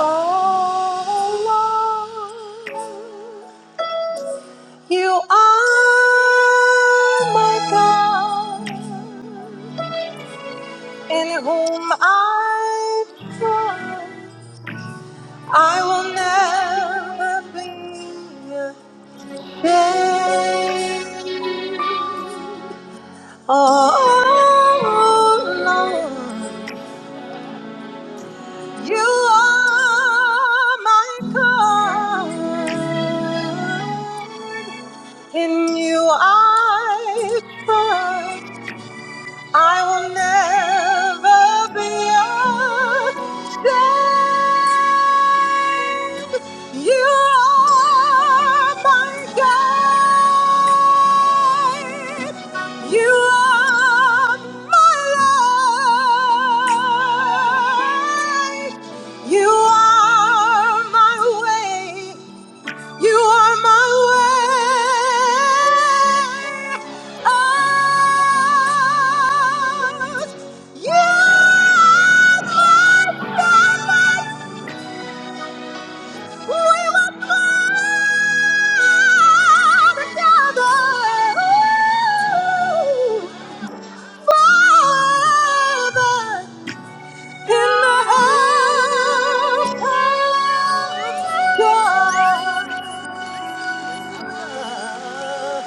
Oh, Lord, you are my God, in whom I trust. I will never be ashamed. Oh, Lord. You are my God. In you I trust. I will never be ashamed. You are my guide. You are my light. You are my way. You are my way out. You are my family. We were born together. Father, in the house of God.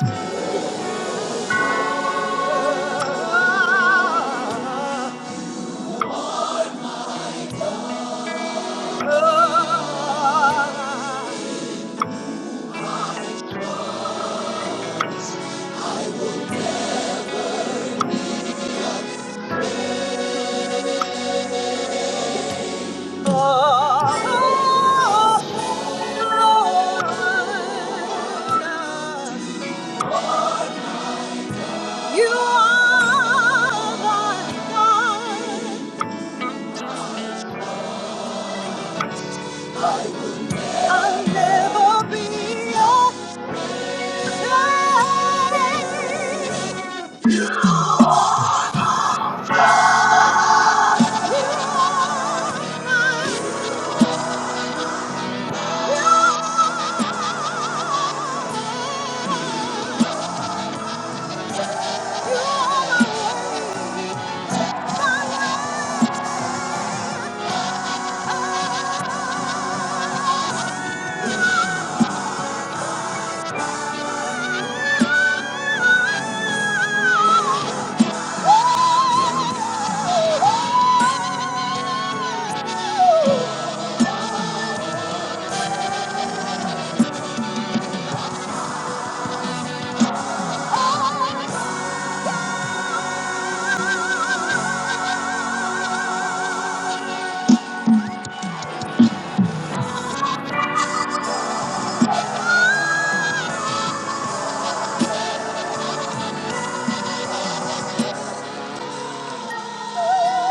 Oh! Oh!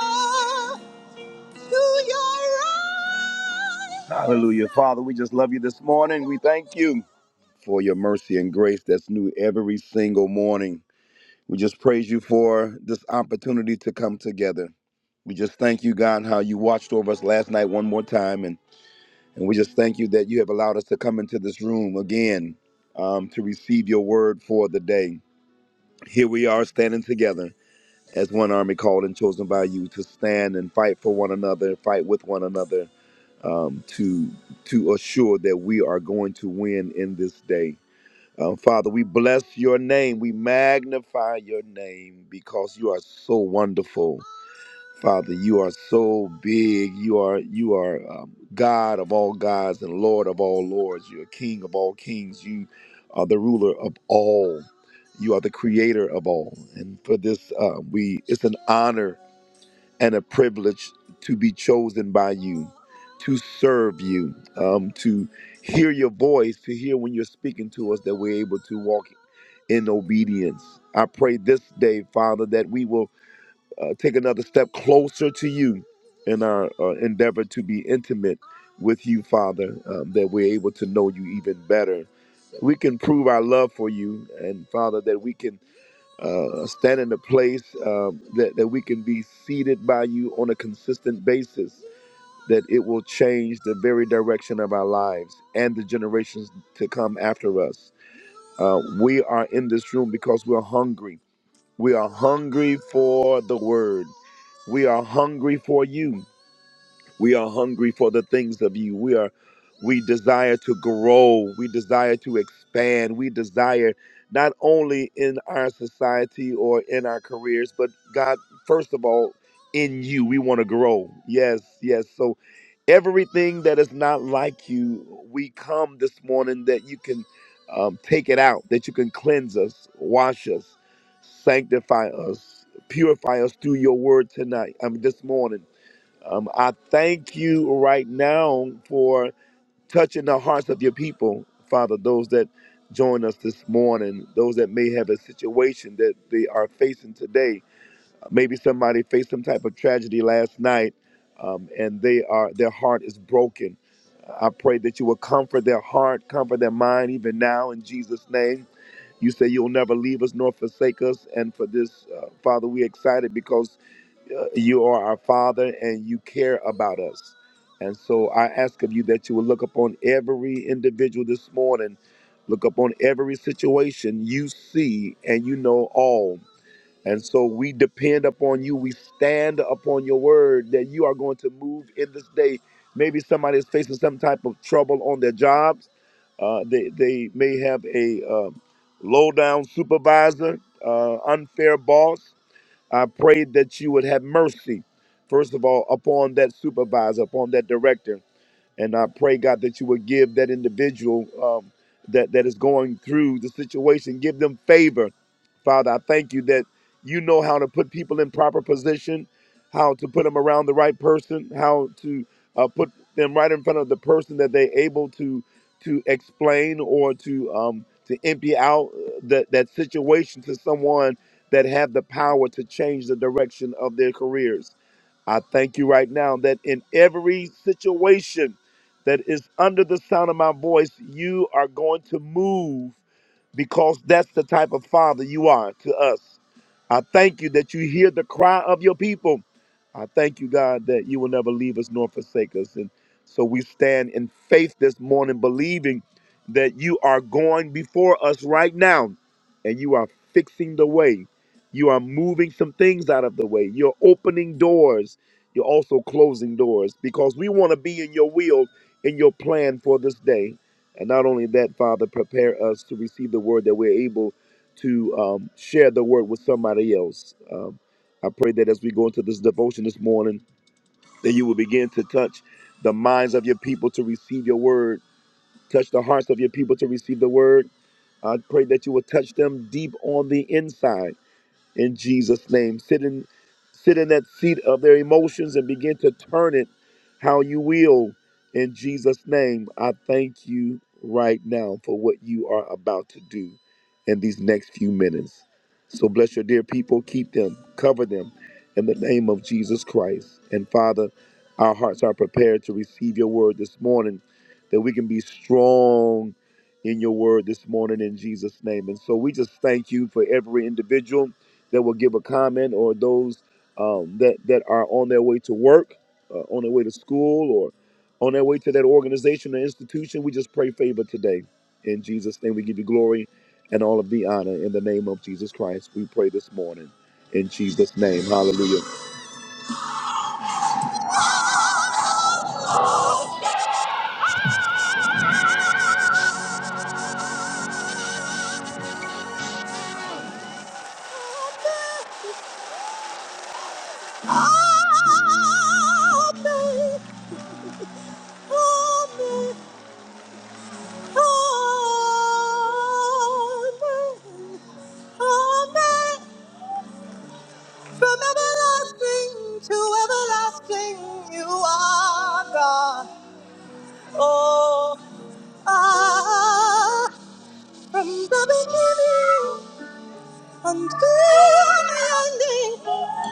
"Ah, right." Hallelujah. Father, we just love you this morning. We thank you. for your mercy and grace that's new every single morning. We just praise you for this opportunity to come together. We just thank you, God, how you watched over us last night one more time. And, and we just thank you that you have allowed us to come into this room again um, to receive your word for the day. Here we are standing together as one army called and chosen by you to stand and fight for one another, fight with one another, um, to to assure that we are going to win in this day. Um, Father, we bless your name. We magnify your name because you are so wonderful. Father, you are so big. You are you are um, God of all gods and Lord of all lords. You are King of all kings. You are the ruler of all. You are the creator of all. And for this, uh, we it's an honor and a privilege to be chosen by you, to serve you, um, to hear your voice, to hear when you're speaking to us, that we're able to walk in obedience. I pray this day, Father, that we will uh, take another step closer to you in our uh, endeavor to be intimate with you, Father, um, that we're able to know you even better. We can prove our love for you, and Father, that we can uh, stand in a place um, that, that we can be seated by you on a consistent basis, that it will change the very direction of our lives and the generations to come after us. Uh, we are in this room because we're hungry we are hungry for the word. We are hungry for you. We are hungry for the things of you. We are we desire to grow. We desire to expand. We desire not only in our society or in our careers, but God, first of all, in you. We want to grow. Yes, yes. So everything that is not like you, we come this morning that you can um, take it out, that you can cleanse us, wash us, sanctify us, purify us through your word tonight. I mean, this morning. Um, I thank you right now for touching the hearts of your people, Father, those that join us this morning, those that may have a situation that they are facing today. Maybe somebody faced some type of tragedy last night um, and they are their heart is broken. I pray that you will comfort their heart, comfort their mind even now in Jesus' name. You say you'll never leave us nor forsake us. And for this, uh, Father, we're excited because you are our Father and you care about us. And so I ask of you that you will look upon every individual this morning, look upon every situation you see and you know all. And so we depend upon you. We stand upon your word that you are going to move in this day. Maybe somebody is facing some type of trouble on their jobs. Uh, they, they may have a uh, low down supervisor, uh, unfair boss I pray that you would have mercy, first of all, upon that supervisor, upon that director. And I pray, God, that you would give that individual um, that, that is going through the situation, give them favor. Father, I thank you that you know how to put people in proper position, how to put them around the right person, how to uh, put them right in front of the person that they're able to to explain or to um, to empty out uh, that that situation to someone that have the power to change the direction of their careers. I thank you right now that in every situation that is under the sound of my voice, you are going to move because that's the type of father you are to us. I thank you that you hear the cry of your people. I thank you, God, that you will never leave us nor forsake us. And so we stand in faith this morning, believing that you are going before us right now and you are fixing the way. You are moving some things out of the way. You're opening doors. You're also closing doors because we want to be in your will, in your plan for this day. And not only that, Father, prepare us to receive the word that we're able to um, share the word with somebody else. Um, I pray that as we go into this devotion this morning, that you will begin to touch the minds of your people to receive your word, touch the hearts of your people to receive the word. I pray that you will touch them deep on the inside in Jesus' name. Sit in, sit in that seat of their emotions and begin to turn it how you will in Jesus' name. I thank you right now for what you are about to do in these next few minutes. So bless your dear people, keep them, cover them in the name of Jesus Christ. And Father, our hearts are prepared to receive your word this morning, that we can be strong in your word this morning in Jesus' name. And so we just thank you for every individual that will give a comment or those um, that that are on their way to work, uh, on their way to school, or on their way to that organization or institution. We just pray favor today. In Jesus' name, we give you glory and all of the honor. In the name of Jesus Christ, we pray this morning. In Jesus' name, hallelujah. From everlasting to everlasting, you are God. Oh, ah, from the beginning until the ending,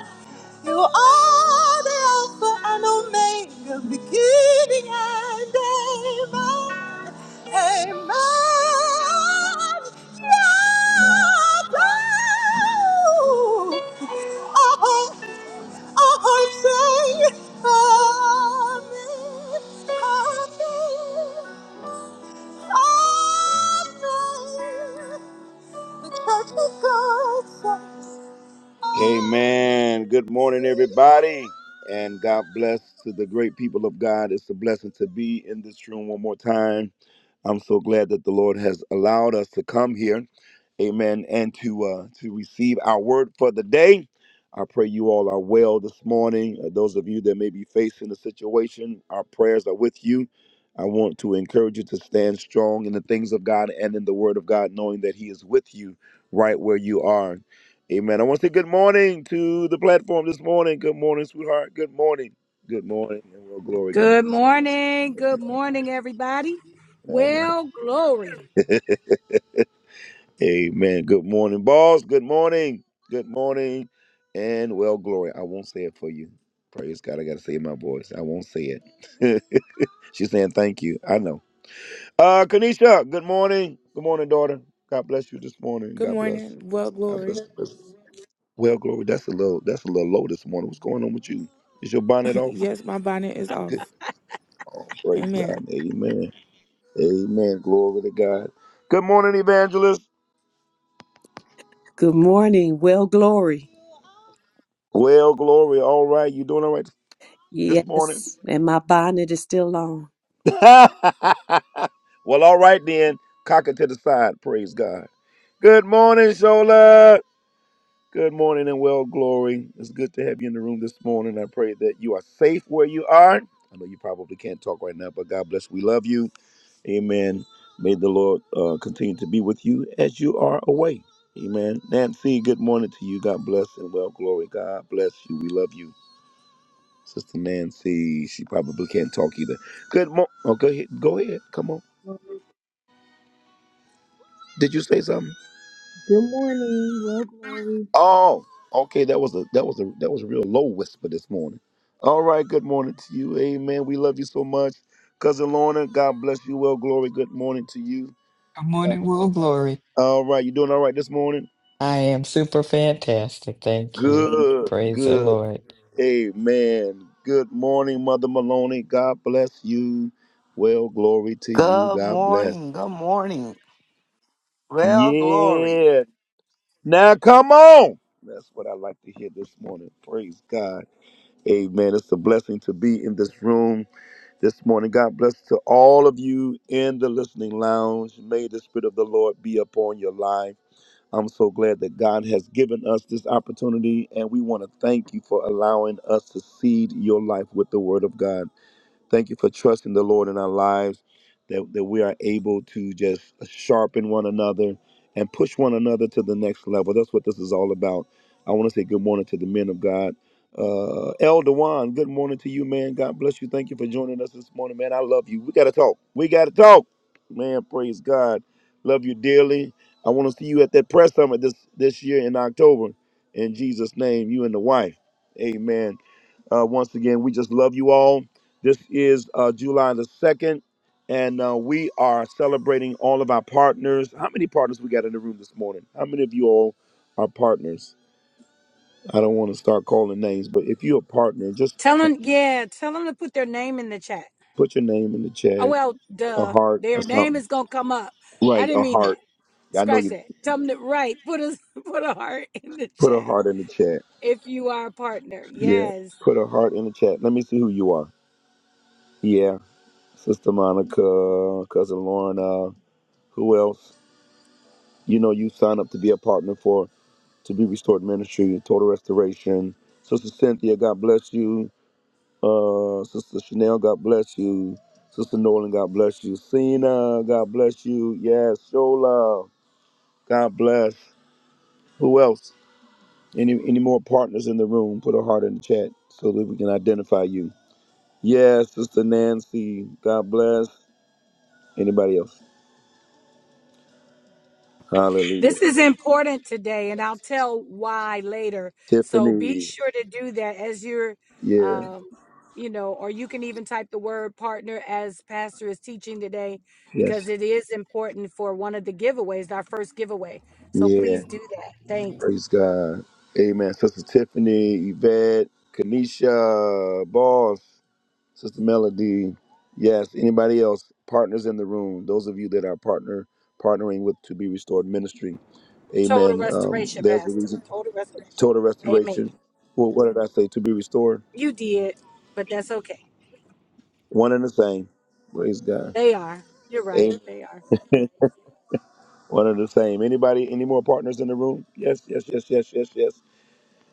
you are the Alpha and Omega, beginning and amen. Amen. Yahweh. Oh, oh, say amen. Amen. Amen. The church of God. Amen. Good morning, everybody. And God bless to the great people of God. It's a blessing to be in this room one more time. I'm so glad that the Lord has allowed us to come here, Amen, and to uh, to receive our word for the day. I pray you all are well this morning. Uh, those of you that may be facing a situation, our prayers are with you. I want to encourage you to stand strong in the things of God and in the Word of God, knowing that He is with you right where you are. Amen. I want to say good morning to the platform this morning. Good morning, sweetheart. Good morning. Good morning, and well, glory. Good Good morning. Good morning, morning. everybody. All Well, glory. right. Amen. Good morning, boss. Good morning. Good morning. And well, glory. I won't say it for you. Praise God. I got to say it in my voice. I won't say it. She's saying thank you. I know. Uh, Kanisha, good morning. Good morning, daughter. God bless you this morning. Good God bless. morning. Well, God bless. glory. bless. Well, glory. That's a little. That's a little low this morning. What's going on with you? Is your bonnet off? yes, my bonnet is off. Good. Oh, praise God. Amen. Amen. Amen. Glory to God. Good morning, evangelist. Good morning. Well, glory. Well, Glory, all right. You doing all right this morning? Yes, and my bonnet is still on. well, all right then. Cock it to the side. Praise God. Good morning, Shola. Good morning and well, Glory. It's good to have you in the room this morning. I pray that you are safe where you are. I know you probably can't talk right now, but God bless. We love you. Amen. May the Lord uh, continue to be with you as you are away. Amen. Nancy, good morning to you. God bless and well, Glory. God bless you. We love you. Sister Nancy, she probably can't talk either. Good mo oh go ahead. Go ahead. Come on. Glory. Did you say something? Good morning. Well, glory. Oh, okay. That was a that was a that was a real low whisper this morning. All right, good morning to you. Amen. We love you so much. Cousin Lorna, God bless you. Well, glory, good morning to you. Good morning, Will Glory. All right, you doing all right this morning? I am super fantastic. Thank you. Good, Praise the good. Lord. Amen. Good morning, Mother Maloney. God bless you. Well, glory to you. Good God bless. morning. Good morning. Well, glory. Yeah. Now come on. That's what I like to hear this morning. Praise God. Amen. It's a blessing to be in this room this morning. God bless to all of you in the listening lounge. May the Spirit of the Lord be upon your life. I'm so glad that God has given us this opportunity, and we want to thank you for allowing us to seed your life with the Word of God. Thank you for trusting the Lord in our lives, that, that we are able to just sharpen one another and push one another to the next level. That's what this is all about. I want to say good morning to the men of God. Uh, El Dewan, good morning to you, man. God bless you. Thank you for joining us this morning, man. I love you. We got to talk. We got to talk. Man, praise God. Love you dearly. I want to see you at that press summit this, this year in October. In Jesus' name, you and the wife. Amen. Uh, once again, we just love you all. This is uh, July the 2nd, and uh, we are celebrating all of our partners. How many partners we got in the room this morning? How many of you all are partners? I don't want to start calling names, but if you're a partner, just Tell them, yeah, tell them to put their name in the chat. put your name in the Oh, chat, well, a duh. heart or Their name something. is going to come up. I Right, didn't a mean that. heart. I know Scratch you that. Tell them to, right, put a, put a heart in the put a chat heart in the chat. if you are a partner. Yeah, Yes. put a heart in the chat. Let me see who you are. Yeah, Sister Monica, Cousin Lorna, who else? You know, you sign up to be a partner for to be restored ministry, total restoration. Sister Cynthia, God bless you. Uh, Sister Chanel, God bless you. Sister Nolan, God bless you. Cena, God bless you. Yes, Shola, God bless. Who else? Any any more partners in the room? Put a heart in the chat so that we can identify you. Yes, Sister Nancy, God bless. Anybody else? Hallelujah. This is important today, and I'll tell why later. So be Tiffany, sure to do that as you're, yeah, um, you know, or you can even type the word partner as Pastor is teaching today yes, because it is important for one of the giveaways, our first giveaway. So yeah. please do that. Thanks. Praise God. Amen. Sister Tiffany, Yvette, Kanisha, Boss, Sister Melody. Yes, anybody else, partners in the room, those of you that are partner partnering with To Be Restored Ministry. Total Amen. Um, restoration, there's a Pastor. reason. Total restoration. Total Amen. restoration. Well, what did I say? To be restored. You did, but that's okay. One and the same. Praise God. They are. You're right. Amen. They are. One and the same. Anybody, any more partners in the room? Yes, yes, yes, yes, yes, yes.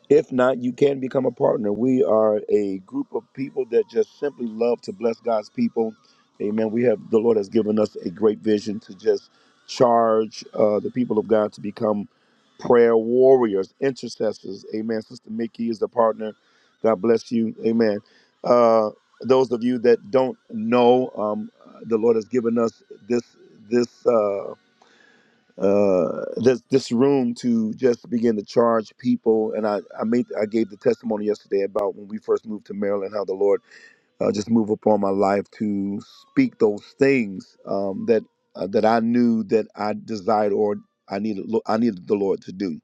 If not, you can become a partner. We are a group of people that just simply love to bless God's people. Amen. We have the Lord has given us a great vision to just charge uh, the people of God to become prayer warriors, intercessors. Amen. Sister Mickey is the partner. God bless you. Amen. Uh, those of you that don't know, um, the Lord has given us this this. uh, uh, this this room to just begin to charge people. And I I made I gave the testimony yesterday about when we first moved to Maryland, how the Lord uh, just moved upon my life to speak those things um, that uh, that I knew that I desired or I needed lo- I needed the Lord to do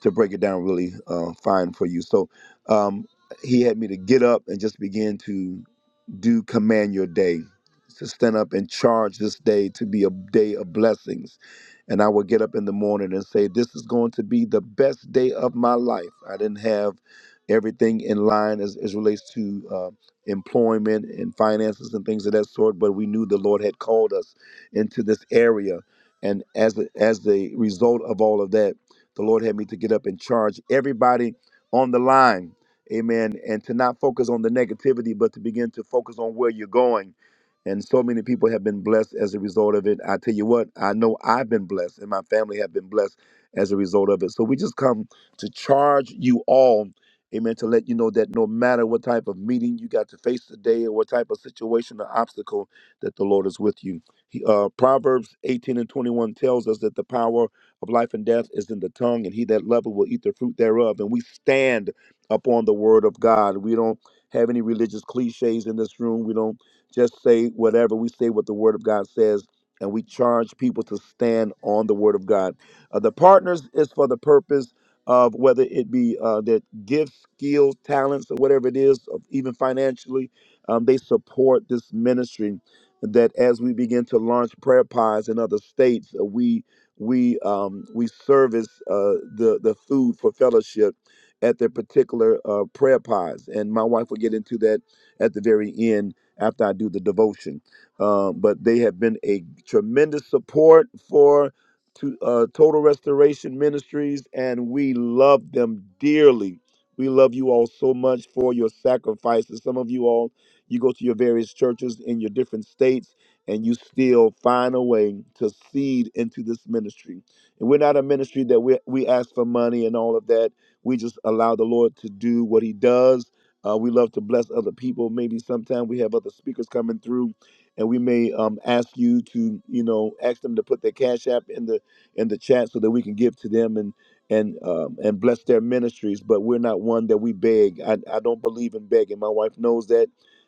to break it down really uh, fine for you. So um, he had me to get up and just begin to do command your day to stand up and charge this day to be a day of blessings. And I would get up in the morning and say, This is going to be the best day of my life. I didn't have everything in line as, as relates to uh, employment and finances and things of that sort, but we knew the Lord had called us into this area. And as a, as the result of all of that, the Lord had me to get up and charge everybody on the line Amen. And to not focus on the negativity, but to begin to focus on where you're going. And so many people have been blessed as a result of it. I tell you what, I know I've been blessed and my family have been blessed as a result of it. So we just come to charge you all, amen, to let you know that no matter what type of meeting you got to face today or what type of situation or obstacle, that the Lord is with you. He, uh, Proverbs 18 and 21 tells us that the power of life and death is in the tongue, and he that loveth will eat the fruit thereof. And we stand upon the word of God. We don't have any religious cliches in this room. We don't just say whatever. We say what the word of God says, and we charge people to stand on the word of God. Uh, the partners is for the purpose of whether it be uh, that gifts, skills, talents, or whatever it is, of even financially, um, they support this ministry. That as we begin to launch prayer pies in other states, uh, we we um, we service uh, the the food for fellowship at their particular uh, prayer pods. And my wife will get into that at the very end after I do the devotion. Um, but they have been a tremendous support for to, uh, Total Restoration Ministries, and we love them dearly. We love you all so much for your sacrifices. Some of you all, you go to your various churches in your different states, and you still find a way to seed into this ministry. And we're not a ministry that we, we ask for money and all of that we just allow the Lord to do what He does. Uh, we love to bless other people. Maybe sometime we have other speakers coming through, and we may um, ask you to, you know, ask them to put their cash app in the in the chat so that we can give to them and and um, and bless their ministries. But we're not one that we beg. I, I don't believe in begging. My wife knows that,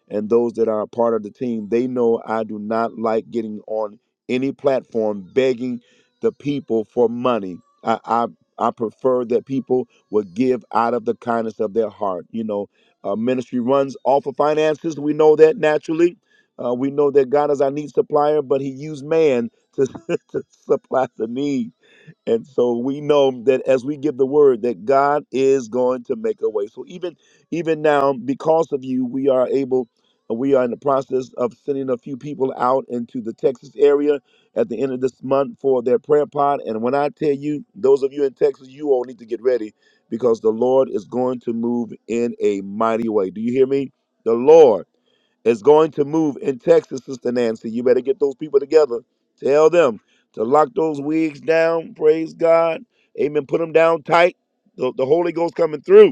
and those that are a part of the team, they know I do not like getting on any platform begging the people for money. I I, I prefer that people would give out of the kindness of their heart. You know, uh, ministry runs off of finances. We know that naturally. Uh, we know that God is our need supplier, but He used man to, to supply the need. And so we know that as we give the word, that God is going to make a way. So even even now, because of you, we are able, uh, we are in the process of sending a few people out into the Texas area at the end of this month for their prayer pod. And when I tell you, those of you in Texas, you all need to get ready because the Lord is going to move in a mighty way. Do you hear me? The Lord is going to move in Texas, Sister Nancy. You better get those people together. Tell them to lock those wigs down. Praise God. Amen. Put them down tight. The, the Holy Ghost coming through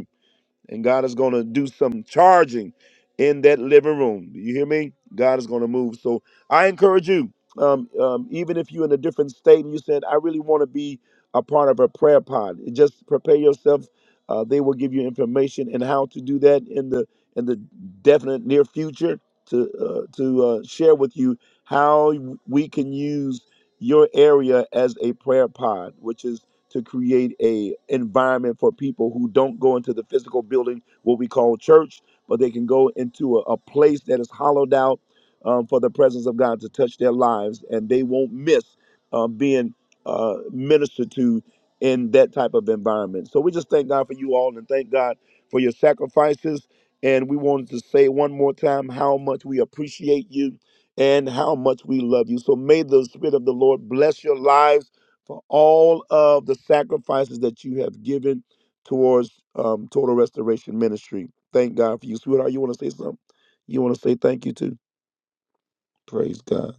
and God is going to do some charging in that living room. Do you hear me? God is going to move. So I encourage you, um, um, even if you're in a different state and you said, I really want to be a part of a prayer pod, just prepare yourself. Uh, they will give you information and how to do that in the in the definite near future to uh, to uh, share with you how we can use your area as a prayer pod, which is to create a environment for people who don't go into the physical building, what we call church, but they can go into a, a place that is hollowed out um, for the presence of God to touch their lives, and they won't miss uh, being uh, ministered to in that type of environment. So we just thank God for you all, and thank God for your sacrifices. And we wanted to say one more time how much we appreciate you and how much we love you. So may the Spirit of the Lord bless your lives for all of the sacrifices that you have given towards um, Total Restoration Ministry. Thank God for you. Sweetheart, you want to say something? You want to say thank you too? Praise God.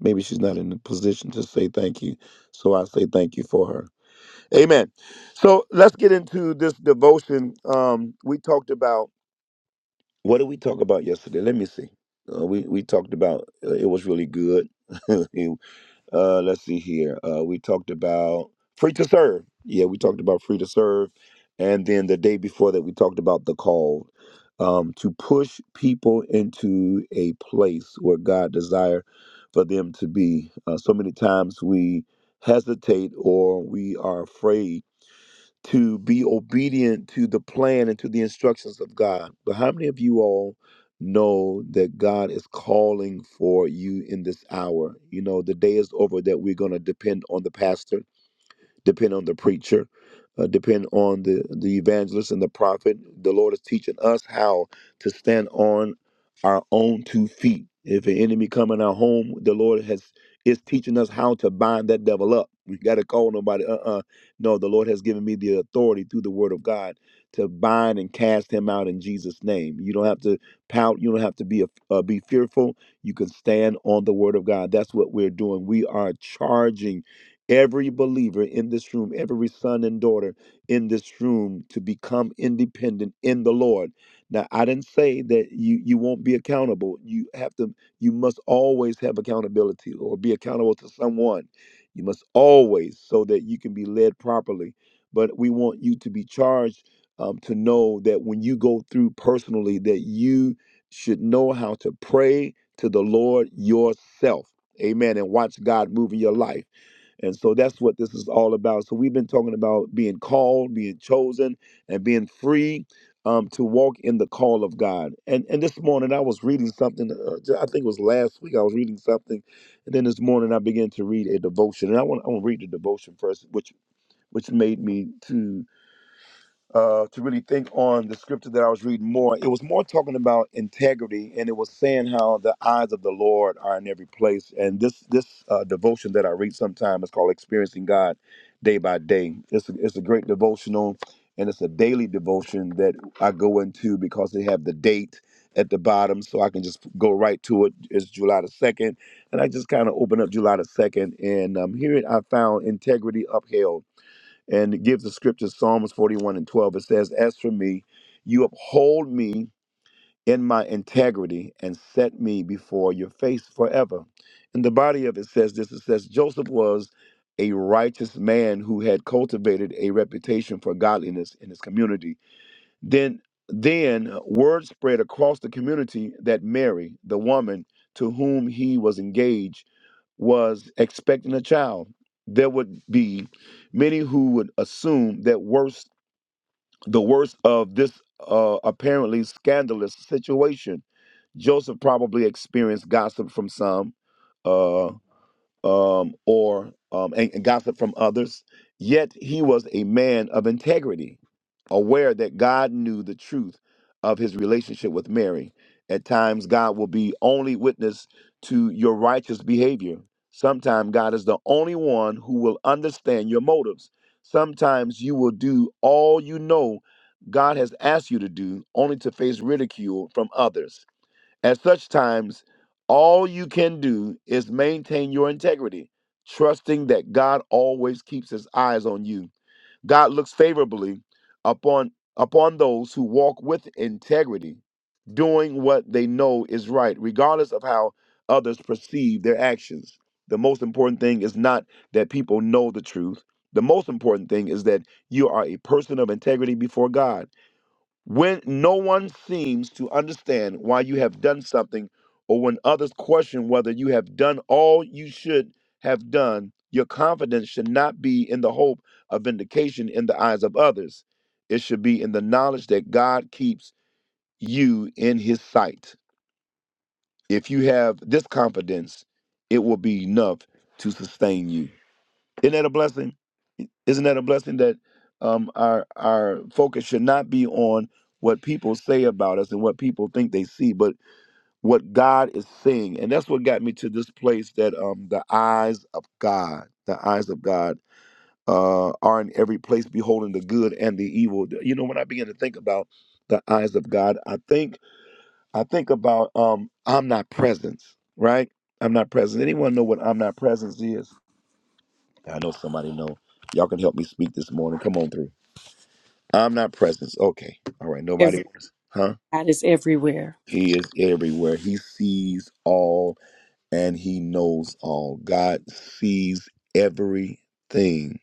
Maybe she's not in a position to say thank you, so I say thank you for her. Amen. So let's get into this devotion. Um, we talked about what did we talk about yesterday? Let me see. Uh, we we talked about uh, it was really good. Uh, let's see here. Uh, we talked about free to serve. Yeah, we talked about free to serve, and then the day before that, we talked about the call um, to push people into a place where God desire for them to be. Uh, so many times we hesitate or we are afraid to be obedient to the plan and to the instructions of God. But how many of you all know that God is calling for you in this hour? You know, the day is over that we're going to depend on the pastor depend on the preacher, uh, depend on the, the evangelist and the prophet. The Lord is teaching us how to stand on our own two feet. If an enemy come in our home, the Lord has is teaching us how to bind that devil up. We got to call nobody. Uh-uh. No, the Lord has given me the authority through the Word of God to bind and cast him out in Jesus' name. You don't have to pout. You don't have to be a, uh, be fearful. You can stand on the Word of God. That's what we're doing. We are charging every believer in this room, every son and daughter in this room to become independent in the Lord. Now, I didn't say that you you won't be accountable. You have to you must always have accountability or be accountable to someone. You must always so that you can be led properly. But we want you to be charged um, to know that when you go through personally, that you should know how to pray to the Lord yourself. Amen. And watch God move in your life. And so that's what this is all about. So we've been talking about being called, being chosen, and being free um, to walk in the call of God. And and this morning I was reading something. Uh, j- I think it was last week. I was reading something, and then this morning I began to read a devotion. And I want I want to read the devotion first, which which made me to uh, to really think on the scripture that I was reading more. It was more talking about integrity, and it was saying how the eyes of the Lord are in every place. And this this uh, devotion that I read sometime is called "Experiencing God Day by Day." It's a, it's a great devotional, and it's a daily devotion that I go into because they have the date at the bottom, so I can just go right to it. It's July the second, and I just kind of open up July the second, and um, here I found integrity upheld and it gives the scripture Psalms 41 and 12. It says, As for me, you uphold me in my integrity and set me before your face forever. In the body of it says this it says, Joseph was a righteous man who had cultivated a reputation for godliness in his community then, then word spread across the community that Mary, the woman to whom he was engaged, was expecting a child. There would be many who would assume that worst, the worst of this uh, apparently scandalous situation. Joseph probably experienced gossip from some. Uh, um, or um, and, and gossip from others. Yet he was a man of integrity, aware that God knew the truth of his relationship with Mary. At times, God will be only witness to your righteous behavior. Sometimes, God is the only one who will understand your motives. Sometimes, you will do all you know God has asked you to do, only to face ridicule from others. At such times, all you can do is maintain your integrity, trusting that God always keeps his eyes on you. God looks favorably upon upon those who walk with integrity, doing what they know is right, regardless of how others perceive their actions. The most important thing is not that people know the truth. The most important thing is that you are a person of integrity before God when no one seems to understand why you have done something, or when others question whether you have done all you should have done, your confidence should not be in the hope of vindication in the eyes of others. It should be in the knowledge that God keeps you in his sight. If you have this confidence, it will be enough to sustain you. Isn't that a blessing? Isn't that a blessing that um, our our focus should not be on what people say about us and what people think they see, but what God is saying? And that's what got me to this place that um, the eyes of God, the eyes of God, uh, are in every place, beholding the good and the evil. You know, when I begin to think about the eyes of God, I think I think about um, omnipresence, right? I'm not present. Anyone know what omnipresence is? I know somebody know. Y'all can help me speak this morning. Come on through. I'm not presence. Okay. All right. Nobody wants. Huh? Everybody's everywhere. He is everywhere. He sees all and he knows all. God sees everything.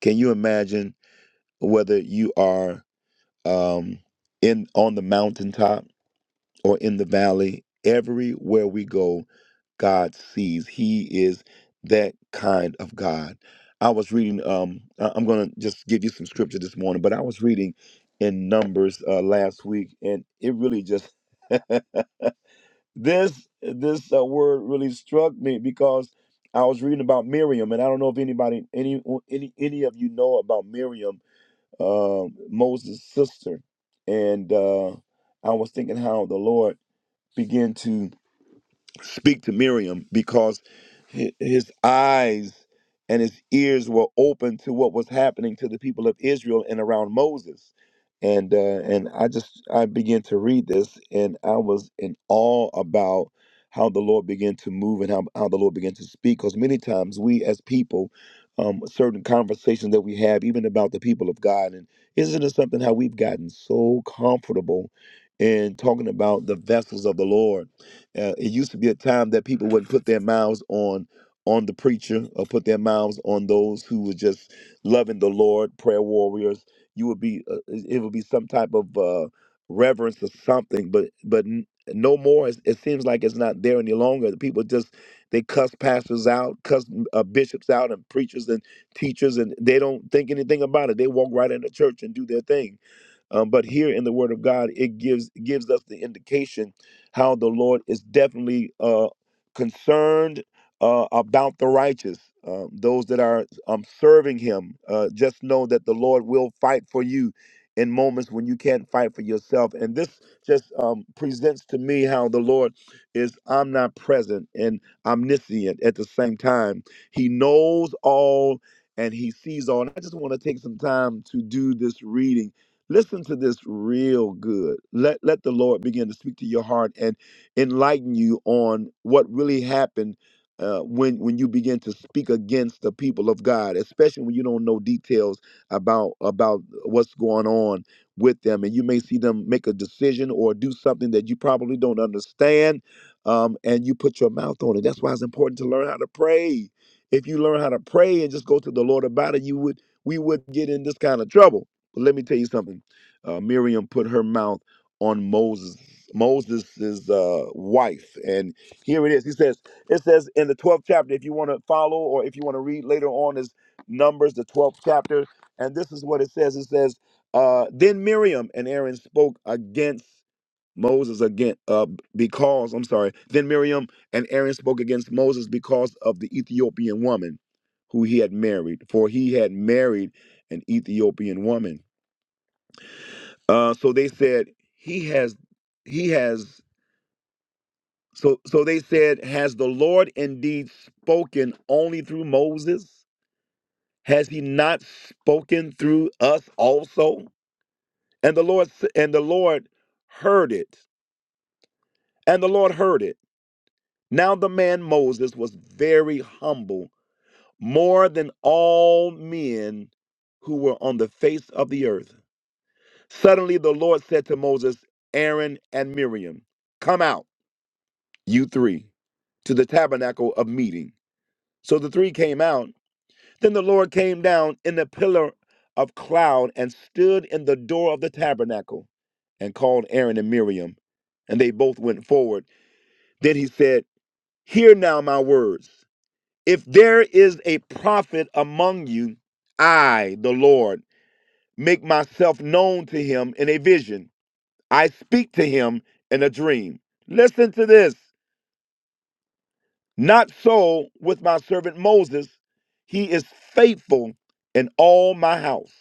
Can you imagine whether you are um in on the mountaintop or in the valley, everywhere we go, God sees. He is that kind of God. I was reading, um, I- I'm going to just give you some scripture this morning, but I was reading in Numbers uh, last week, and it really just, this, this uh, word really struck me because I was reading about Miriam, and I don't know if anybody, any, any, any of you know about Miriam, uh, Moses' sister. And uh, I was thinking how the Lord began to speak to Miriam because hi- his eyes and his ears were open to what was happening to the people of Israel and around Moses. And uh, and I just I began to read this and I was in awe about how the Lord began to move and how, how the Lord began to speak because many times we as people um, certain conversations that we have even about the people of God and isn't it something how we've gotten so comfortable in talking about the vessels of the Lord uh, it used to be a time that people wouldn't put their mouths on on the preacher or put their mouths on those who were just loving the Lord, prayer warriors. You would be uh, it it would be some type of uh, reverence or something, but but n- no more. It, it seems like it's not there any longer. The people just they cuss pastors out, cuss uh, bishops out, and preachers and teachers, and they don't think anything about it. They walk right into church and do their thing um, but here in the Word of God, it gives gives us the indication how the Lord is definitely uh, concerned uh, about the righteous, um, those that are um, serving Him. Uh, just know that the Lord will fight for you in moments when you can't fight for yourself. And this just um, presents to me how the Lord is omnipresent and omniscient at the same time. He knows all and He sees all. And I just want to take some time to do this reading Listen to this real good. Let let the Lord begin to speak to your heart and enlighten you on what really happened uh, when when you begin to speak against the people of God, especially when you don't know details about about what's going on with them, and you may see them make a decision or do something that you probably don't understand, um, and you put your mouth on it. That's why it's important to learn how to pray. If you learn how to pray and just go to the Lord about it, you would we would get in this kind of trouble but let me tell you something. Uh, Miriam put her mouth on Moses, Moses's uh, wife, and here it is. He says, it says in the 12th chapter. If you want to follow, or if you want to read later on, is Numbers the 12th chapter, and this is what it says. It says, uh, then Miriam and Aaron spoke against Moses again, uh, because I'm sorry. Then Miriam and Aaron spoke against Moses because of the Ethiopian woman who he had married, for he had married an Ethiopian woman. Uh, so they said he has he has so so they said has the Lord indeed spoken only through Moses? Has he not spoken through us also? And the Lord s- and the Lord heard it. And the Lord heard it. Now the man Moses was very humble, more than all men who were on the face of the earth. Suddenly the Lord said to Moses, Aaron and Miriam, come out you three, to the tabernacle of meeting. So the three came out. Then the Lord came down in the pillar of cloud and stood in the door of the tabernacle and called Aaron and Miriam. And they both went forward. Then he said, Hear now my words. If there is a prophet among you, I, the Lord, make myself known to him in a vision. I speak to him in a dream. Listen to this. Not so with my servant Moses. He is faithful in all my house.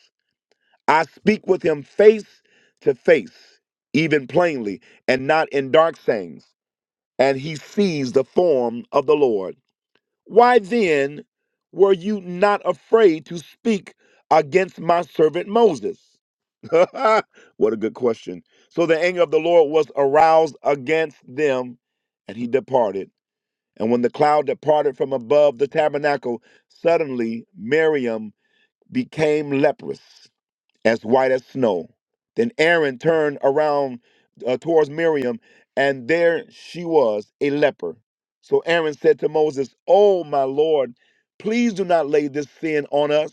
I speak with him face to face, even plainly, and not in dark sayings. And he sees the form of the Lord. Why then were you not afraid to speak against my servant Moses? what a good question. So the anger of the Lord was aroused against them, and he departed and when the cloud departed from above the tabernacle, suddenly Miriam became leprous as white as snow. Then Aaron turned around uh, towards Miriam, and there she was, a leper. So Aaron said to Moses, Oh, my Lord, please do not lay this sin on us,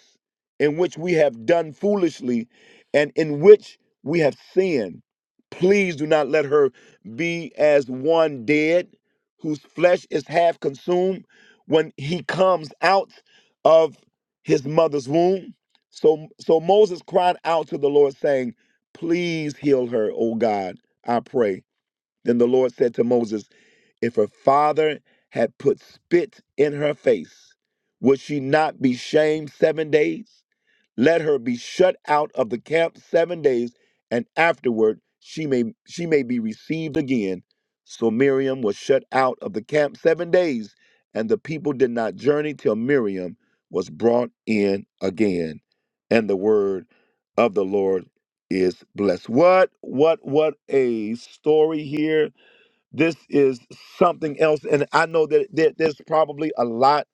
in which we have done foolishly and in which we have sinned. Please do not let her be as one dead, whose flesh is half consumed when he comes out of his mother's womb. So, so Moses cried out to the Lord, saying, Please heal her, O God, I pray. Then the Lord said to Moses, If her father had put spit in her face, would she not be shamed seven days? let her be shut out of the camp seven days, and afterward she may she may be received again. So Miriam was shut out of the camp seven days, and the people did not journey till Miriam was brought in again. And the word of the Lord is blessed. What what what a story here. This is something else. And I know that there- there's probably a lot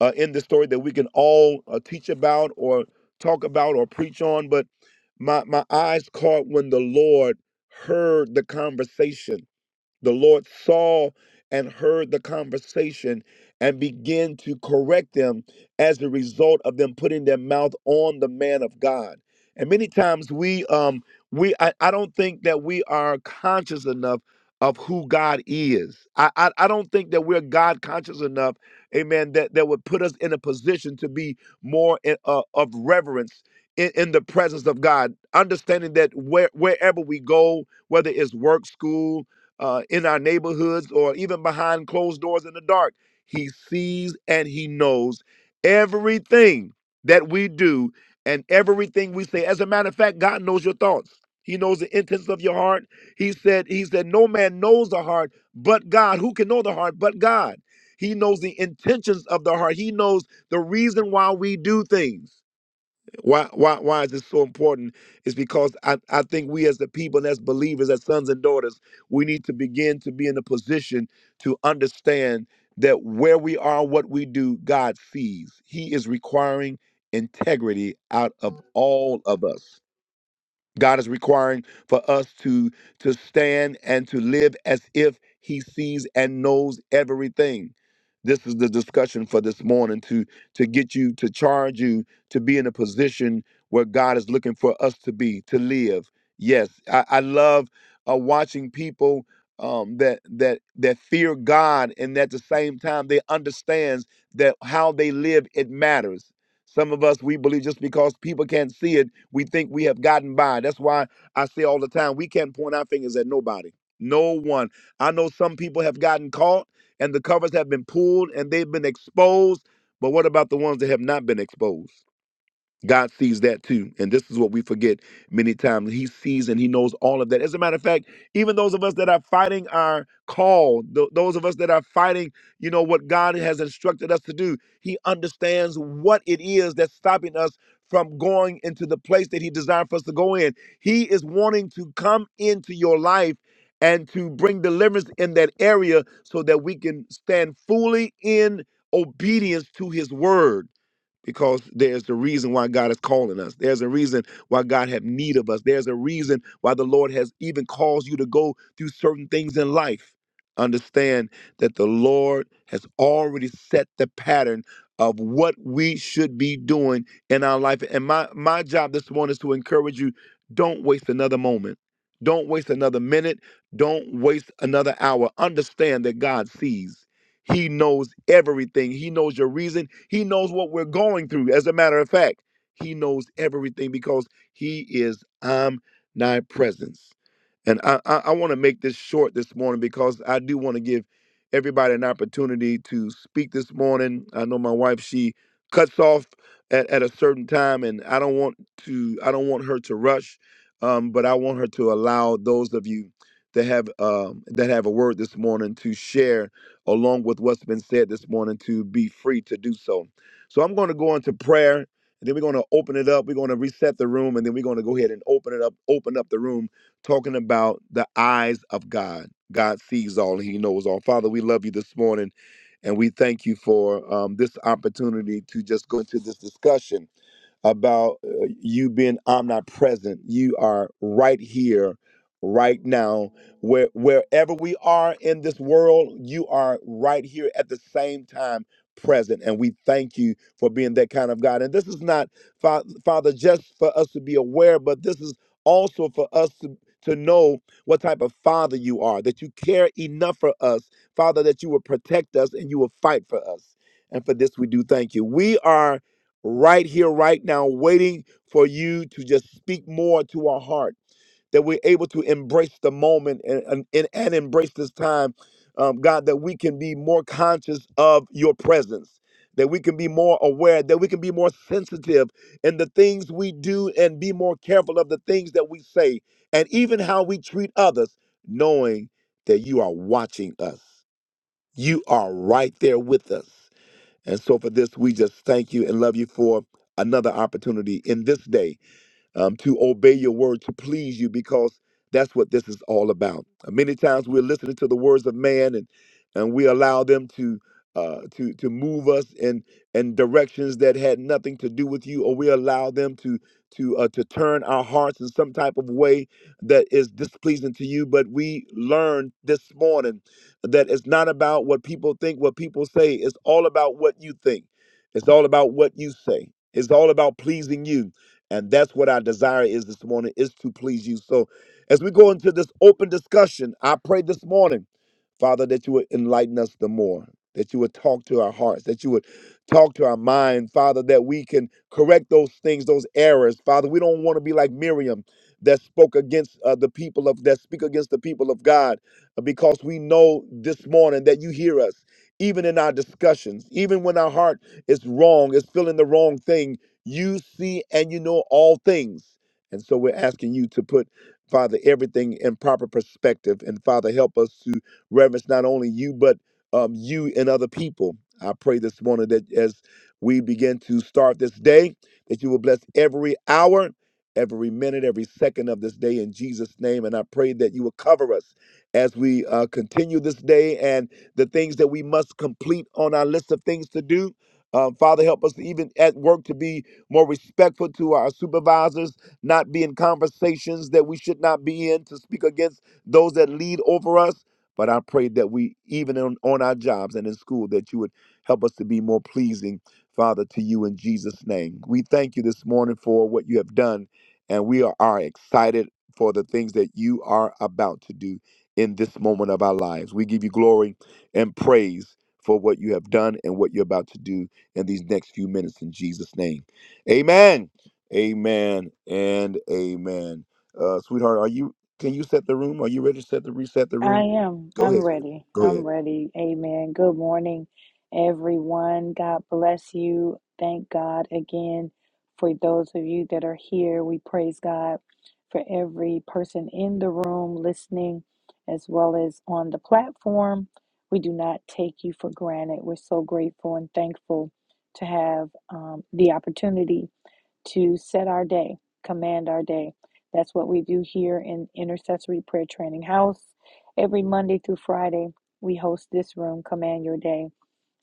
uh, in this story that we can all uh, teach about or talk about or preach on. But my, my eyes caught when the Lord heard the conversation the Lord saw and heard the conversation and began to correct them as a result of them putting their mouth on the man of God. And many times we um we I, I don't think that we are conscious enough of who God is. I, I I don't think that we're God conscious enough, amen, that, that would put us in a position to be more in, uh, of reverence in, in the presence of God, understanding that where wherever we go, whether it's work, school, uh, in our neighborhoods or even behind closed doors in the dark. He sees and he knows everything that we do and everything we say. As a matter of fact, God knows your thoughts. He knows the intents of your heart. He said, He said, No man knows the heart but God. Who can know the heart but God? He knows the intentions of the heart. He knows the reason why we do things. Why, why, why is this so important? Is because I, I think we as the people as believers, as sons and daughters, we need to begin to be in a position to understand that where we are, what we do, God sees. He is requiring integrity out of all of us. God is requiring for us to to stand and to live as if he sees and knows everything. This is the discussion for this morning to to get you to charge you to be in a position where God is looking for us to be to live. Yes, I, I love uh, watching people um, that that that fear God and at the same time they understands that how they live it matters. Some of us, we believe just because people can't see it, we think we have gotten by. That's why I say all the time, we can't point our fingers at nobody. No one. I know some people have gotten caught and the covers have been pulled and they've been exposed. But what about the ones that have not been exposed? God sees that too. And this is what we forget many times. He sees and he knows all of that. As a matter of fact, even those of us that are fighting our call, th- those of us that are fighting, you know, what God has instructed us to do, he understands what it is that's stopping us from going into the place that he designed for us to go in. He is wanting to come into your life and to bring deliverance in that area so that we can stand fully in obedience to his word because there's the reason why God is calling us. There's a reason why God have need of us. There's a reason why the Lord has even caused you to go through certain things in life. Understand that the Lord has already set the pattern of what we should be doing in our life. And my my job this morning is to encourage you, don't waste another moment. Don't waste another minute. Don't waste another hour. Understand that God sees. He knows everything. He knows your reason. He knows what we're going through. As a matter of fact, He knows everything because He is omnipresence. And I, I, I want to make this short this morning because I do want to give everybody an opportunity to speak this morning. I know my wife, she cuts off at, at a certain time, and I don't want to, I don't want her to rush, um, but I want her to allow those of you that have um, that have a word this morning to share along with what's been said this morning to be free to do so. So I'm going to go into prayer and then we're going to open it up. We're going to reset the room and then we're going to go ahead and open it up, open up the room talking about the eyes of God. God sees all and he knows all. Father, we love you this morning and we thank you for um, this opportunity to just go into this discussion about uh, you being omnipresent. You are right here, right now, where wherever we are in this world, you are right here at the same time present and we thank you for being that kind of god and this is not Fa- father just for us to be aware but this is also for us to to know what type of father you are that you care enough for us father that you will protect us and you will fight for us and for this we do thank you we are right here, right now, waiting for you to just speak more to our heart, that we're able to embrace the moment and, and, and and embrace this time, um, God, that we can be more conscious of your presence, that we can be more aware, that we can be more sensitive in the things we do and be more careful of the things that we say and even how we treat others, knowing that you are watching us. You are right there with us. And so for this, we just thank you and love you for another opportunity in this day um, to obey your word, to please you, because that's what this is all about. Uh, Many times we're listening to the words of man, and and we allow them to uh, to to move us in in directions that had nothing to do with you, or we allow them to to uh, to turn our hearts in some type of way that is displeasing to you. But we learned this morning that it's not about what people think, what people say. It's all about what you think. It's all about what you say. It's all about pleasing you. And that's what our desire is this morning is to please you. So as we go into this open discussion, I pray this morning Father, that you would enlighten us the more, that you would talk to our hearts, that you would talk to our mind, Father, that we can correct those things, those errors. Father, we don't want to be like Miriam that spoke against uh, the people of that speak against the people of God uh, because we know this morning that you hear us even in our discussions even when our heart is wrong is feeling the wrong thing you see and you know all things and so we're asking you to put father everything in proper perspective and father help us to reverence not only you, but um, you and other people. I pray this morning that as we begin to start this day, that you will bless every hour, every minute, every second of this day in Jesus' name. And I pray that you will cover us as we uh, continue this day and the things that we must complete on our list of things to do. Um, Father, help us even at work to be more respectful to our supervisors, not be in conversations that we should not be in, to speak against those that lead over us. But I pray that we, even on, on our jobs and in school, that you would help us to be more pleasing, Father, to you in Jesus' name. We thank you this morning for what you have done, and we are, are excited for the things that you are about to do in this moment of our lives. We give you glory and praise for what you have done and what you're about to do in these next few minutes in Jesus' name. Amen. Amen and amen. Uh, sweetheart, are you can you set the room? Are you ready to set the reset the I room? am. Go I'm ahead. sweetie. ready. Go I'm ahead. ready. Amen. Good morning, everyone. God bless you. Thank God again for those of you that are here. We praise God for every person in the room listening as well as on the platform. We do not take you for granted. We're so grateful and thankful to have um, the opportunity to set our day, command our day. That's what we do here in Intercessory Prayer Training House. Every Monday through Friday, we host this room, Command Your Day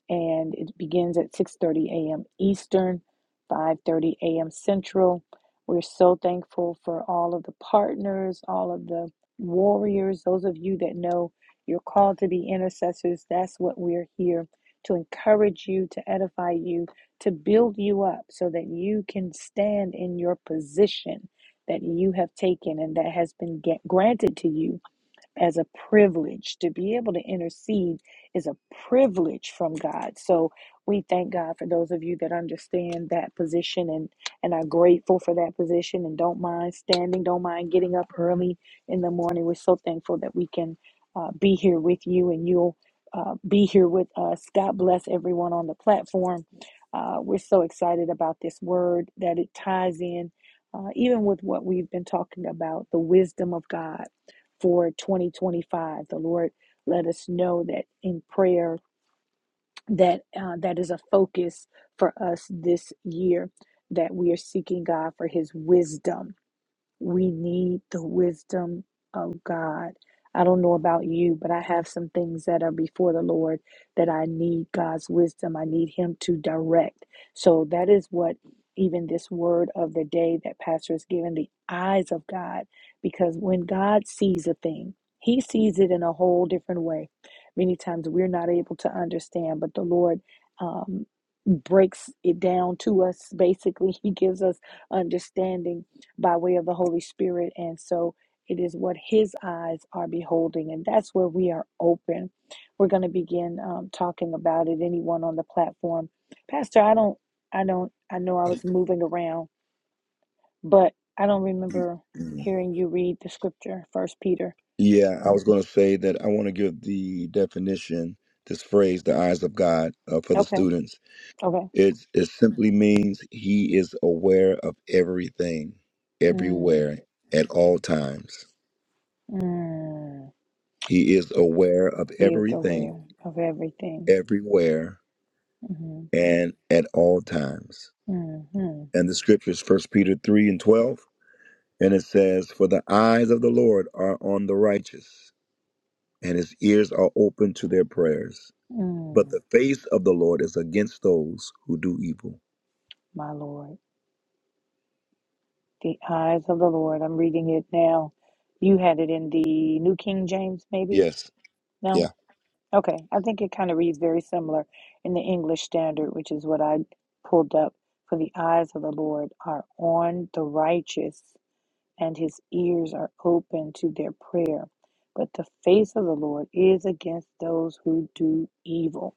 and it begins at 6:30 a.m. Eastern, 5:30 a.m. Central. We're so thankful for all of the partners, all of the warriors, those of you that know you're called to be intercessors. That's what we're here to encourage you, to edify you, to build you up so that you can stand in your position that you have taken and that has been get, granted to you as a privilege. To be able to intercede is a privilege from God. So we thank God for those of you that understand that position and, and are grateful for that position and don't mind standing, don't mind getting up early in the morning. We're so thankful that we can uh, be here with you and you'll uh, be here with us. God bless everyone on the platform. Uh, we're so excited about this word that it ties in, uh, even with what we've been talking about the wisdom of God for 2025. The Lord let us know that in prayer that uh, that is a focus for us this year that we are seeking God for his wisdom we need the wisdom of God. I don't know about you, but I have some things that are before the Lord that I need God's wisdom. I need Him to direct. So that is what even this word of the day that Pastor has given the eyes of God, because when God sees a thing, He sees it in a whole different way. Many times we're not able to understand, but the Lord. um, breaks it down to us basically he gives us understanding by way of the holy spirit and so it is what his eyes are beholding and that's where we are open we're going to begin um, talking about it anyone on the platform pastor i don't i don't i know i was moving around but i don't You- remember mhm. hearing you read the scripture first peter Yeah, I was going to say that I want to give the definition, this phrase, the eyes of God, uh, for the okay students. okay It, it simply means he is aware of everything, mm, everywhere, at all times. mm. He is aware of he is everything, aware of everything everywhere, and at all times. hmm And the scriptures, First Peter 3 and 12, and it says, For the eyes of the Lord are on the righteous and his ears are open to their prayers. But Mm, the face of the Lord is against those who do evil. my Lord, the eyes of the Lord. I'm reading it now. You had it in the New King James, maybe? Yes. No? Yeah. Okay. I think it kind of reads very similar in the English Standard, which is what I pulled up. For the eyes of the Lord are on the righteous, and his ears are open to their prayer. But the face of the Lord is against those who do evil.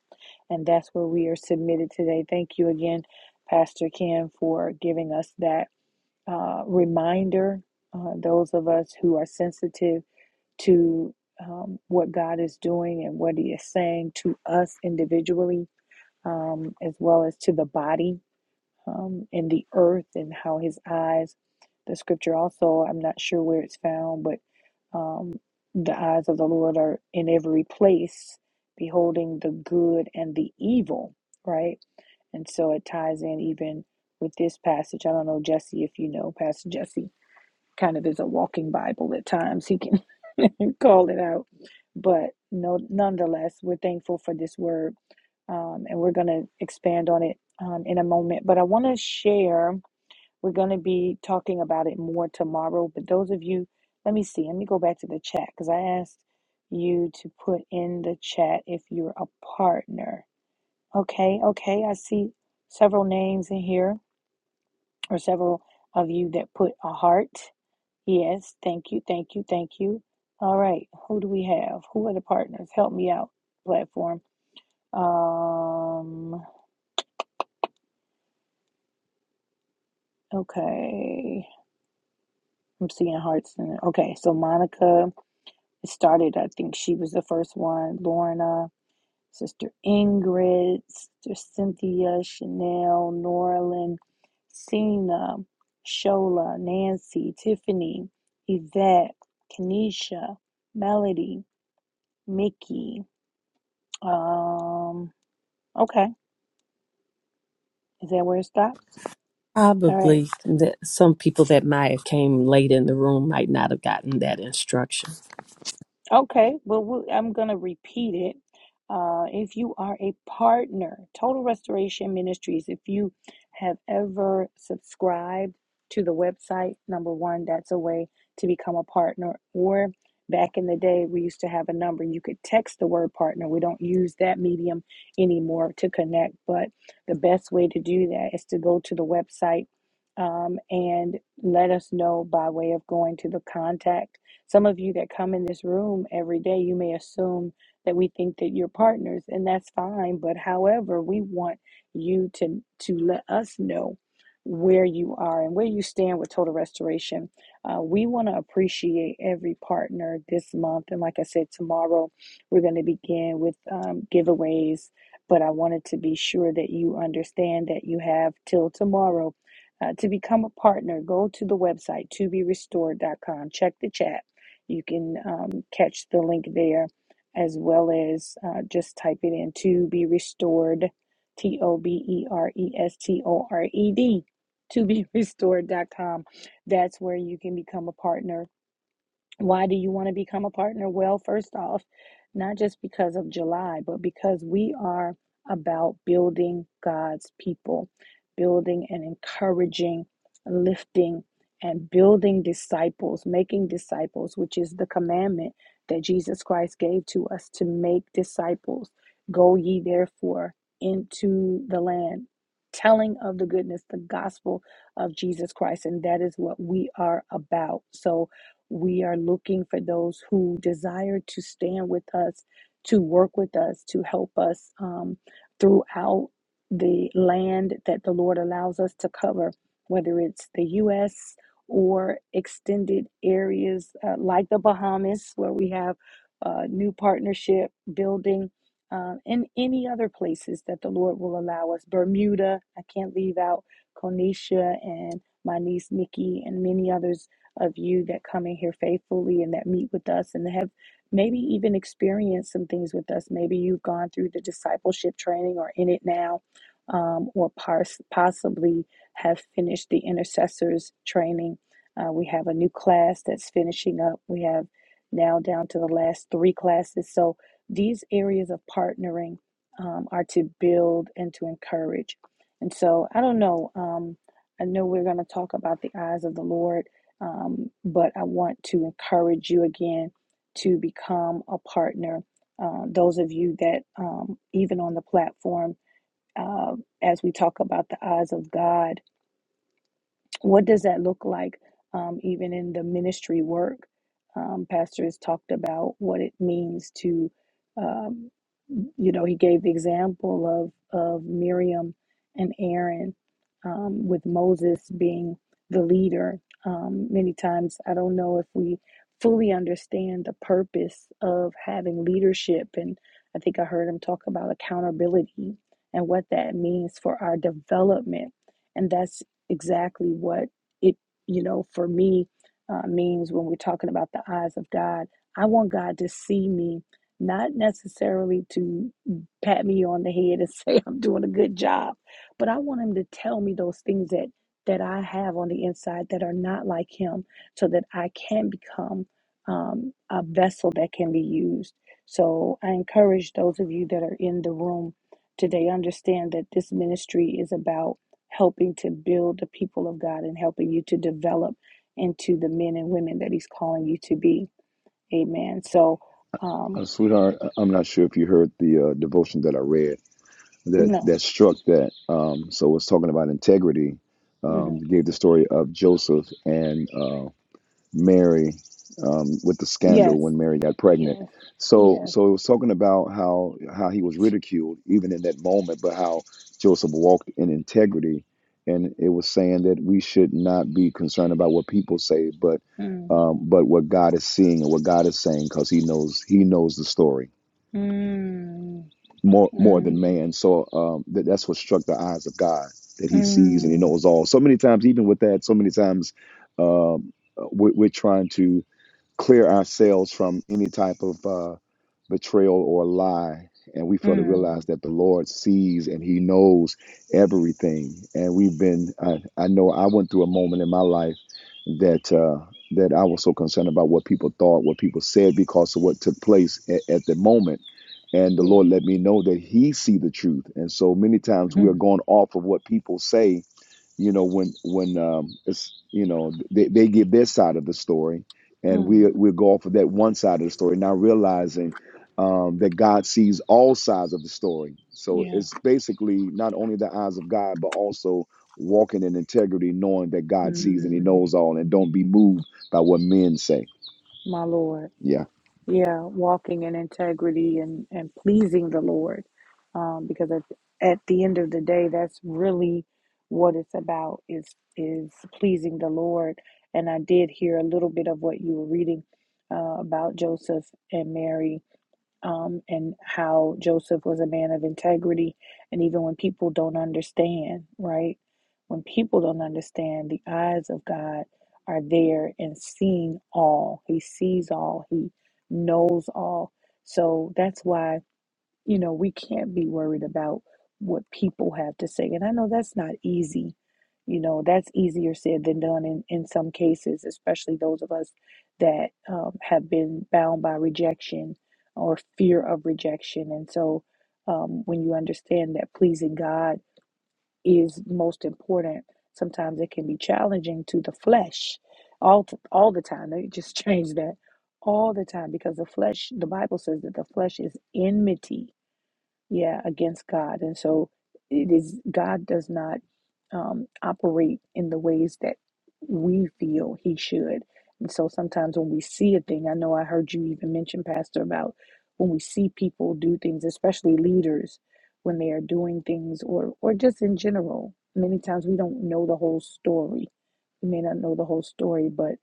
And that's where we are submitted today. Thank you again, Pastor Kim, for giving us that uh, reminder, uh, those of us who are sensitive to um, what God is doing and what He is saying to us individually, um, as well as to the body um, and the earth, and how His eyes, the scripture also, I'm not sure where it's found, but um, the eyes of the Lord are in every place, beholding the good and the evil, right? And so it ties in even with this passage. I don't know, Jesse, if you know, Pastor Jesse kind of is a walking Bible at times. He can call it out. But no, nonetheless, we're thankful for this word um, and we're going to expand on it um, in a moment. But I want to share, we're going to be talking about it more tomorrow. But those of you, let me see, let me go back to the chat because I asked you to put in the chat if you're a partner. Okay, okay, I see several names in here or several of you that put a heart. Yes, thank you, thank you, thank you. All right, who do we have? Who are the partners? Help me out, platform. Um, okay, I'm seeing hearts. In it. Okay, so Monica started. I think she was the first one. Lorna, Sister Ingrid, Sister Cynthia, Chanel, Norlin, Cena, Shola, Nancy, Tiffany, Yvette, Kenesha, Melody, Mickey. Um, okay. Is that where it stops? All right. Probably that some people that might have came late in the room might not have gotten that instruction. Okay, well, we- I'm going to repeat it. Uh, if you are a partner, Total Restoration Ministries, if you have ever subscribed to the website, number one, that's a way to become a partner. Or back in the day, we used to have a number. You could text the word partner. We don't use that medium anymore to connect, but the best way to do that is to go to the website um, and let us know by way of going to the contact some of you that come in this room every day, you may assume that we think that you're partners, and that's fine. But however, we want you to to let us know where you are and where you stand with total restoration. Uh, we want to appreciate every partner this month, and like I said, tomorrow we're going to begin with um, giveaways. But I wanted to be sure that you understand that you have till tomorrow uh, to become a partner, go to the website to be restored.com. Check the chat you can um, catch the link there as well as uh, just type it in to be restored, T O B E R E S T O R E D, to be restored dot com, That's where you can become a partner why do you want to become a partner? Well, first off, not just because of July, but because we are about building God's people, building and encouraging, lifting, and building disciples, making disciples, which is the commandment that Jesus Christ gave to us to make disciples. Go ye therefore into the land, telling of the goodness, the gospel of Jesus Christ. And that is what we are about. So, we are looking for those who desire to stand with us, to work with us, to help us um, throughout the land that the Lord allows us to cover, whether it's the U.S. or extended areas uh, like the Bahamas, where we have a new partnership building, uh, and any other places that the Lord will allow us. Bermuda, I can't leave out Konisha and my niece Nikki and many others of you that come in here faithfully and that meet with us and have maybe even experienced some things with us. Maybe you've gone through the discipleship training or in it now, um, or pars- possibly have finished the intercessors training. Uh, we have a new class that's finishing up. We have now down to the last three classes. So these areas of partnering um, are to build and to encourage. And so I don't know. Um, I know we're going to talk about the eyes of the Lord um, but I want to encourage you again to become a partner. Uh, those of you that, um, even on the platform, uh, as we talk about the eyes of God, what does that look like um, even in the ministry work um, pastor has talked about what it means to um, you know he gave the example of of miriam and aaron um, with moses being the leader um, many times i don't know if we fully understand the purpose of having leadership and i think i heard him talk about accountability and what that means for our development and that's exactly what it, you know, for me uh, means when we're talking about the eyes of God. I want God to see me, not necessarily to pat me on the head and say I'm doing a good job, but I want Him to tell me those things that that I have on the inside that are not like Him, so that I can become um, a vessel that can be used. So I encourage those of you that are in the room today understand that this ministry is about helping to build the people of God and helping you to develop into the men and women that He's calling you to be. Amen. So, um, Uh, sweetheart, I- I'm not sure if you heard the uh, devotion that I read that no. that struck that. Um, so it's talking about integrity. Um, hmm gave the story of Joseph and. uh, Mary um, with the scandal Yes. when Mary got pregnant. Yes. So, Yes. so it was talking about how how he was ridiculed even in that moment, but how Joseph walked in integrity, and it was saying that we should not be concerned about what people say, but Mm. um, but what God is seeing and what God is saying, because He knows He knows the story Mm. more more than Mm. man. So um, that, that's what struck the eyes of God that He sees and He Mm. knows all. So many times, even with that, so many times um, uh, we're, we're trying to clear ourselves from any type of uh, betrayal or lie. And we fail to realize Mm. that the Lord sees and He knows everything. And we've been, I, I know I went through a moment in my life that. Uh, that I was so concerned about what people thought, what people said, because of what took place at, at the moment and the lord let me know that he see the truth and so many times we are Mm. going off of what people say you know when when um it's you know they, they give their side of the story and we Mm. we go off of that one side of the story not realizing um that god sees all sides of the story so Yeah. it's basically not only the eyes of god but also walking in integrity knowing that god sees and he Mm. knows all and don't be moved by what men say My Lord. yeah Yeah, walking in integrity and, and pleasing the Lord. Um, because at, at the end of the day, that's really what it's about is is pleasing the Lord. And I did hear a little bit of what you were reading uh, about Joseph and Mary um, and how Joseph was a man of integrity. And even when people don't understand, right? When people don't understand, the eyes of God are there and seeing all. He sees all, He knows all. So that's why. You know, we can't be worried about what people have to say. And I know that's not easy. You know, that's easier said than done in, in some cases, especially those of us that um, have been bound by rejection or fear of rejection. And so um, when you understand that pleasing God is most important, sometimes it can be challenging to the flesh all, t all the time. They just change that all the time because the flesh, the Bible says that the flesh is enmity yeah, against God. And so it is, God does not um, operate in the ways that we feel he should. And so sometimes when we see a thing, I know I heard you even mention, Pastor, about when we see people do things, especially leaders, when they are doing things or, or just in general, many times we don't know the whole story. We may not know the whole story, but.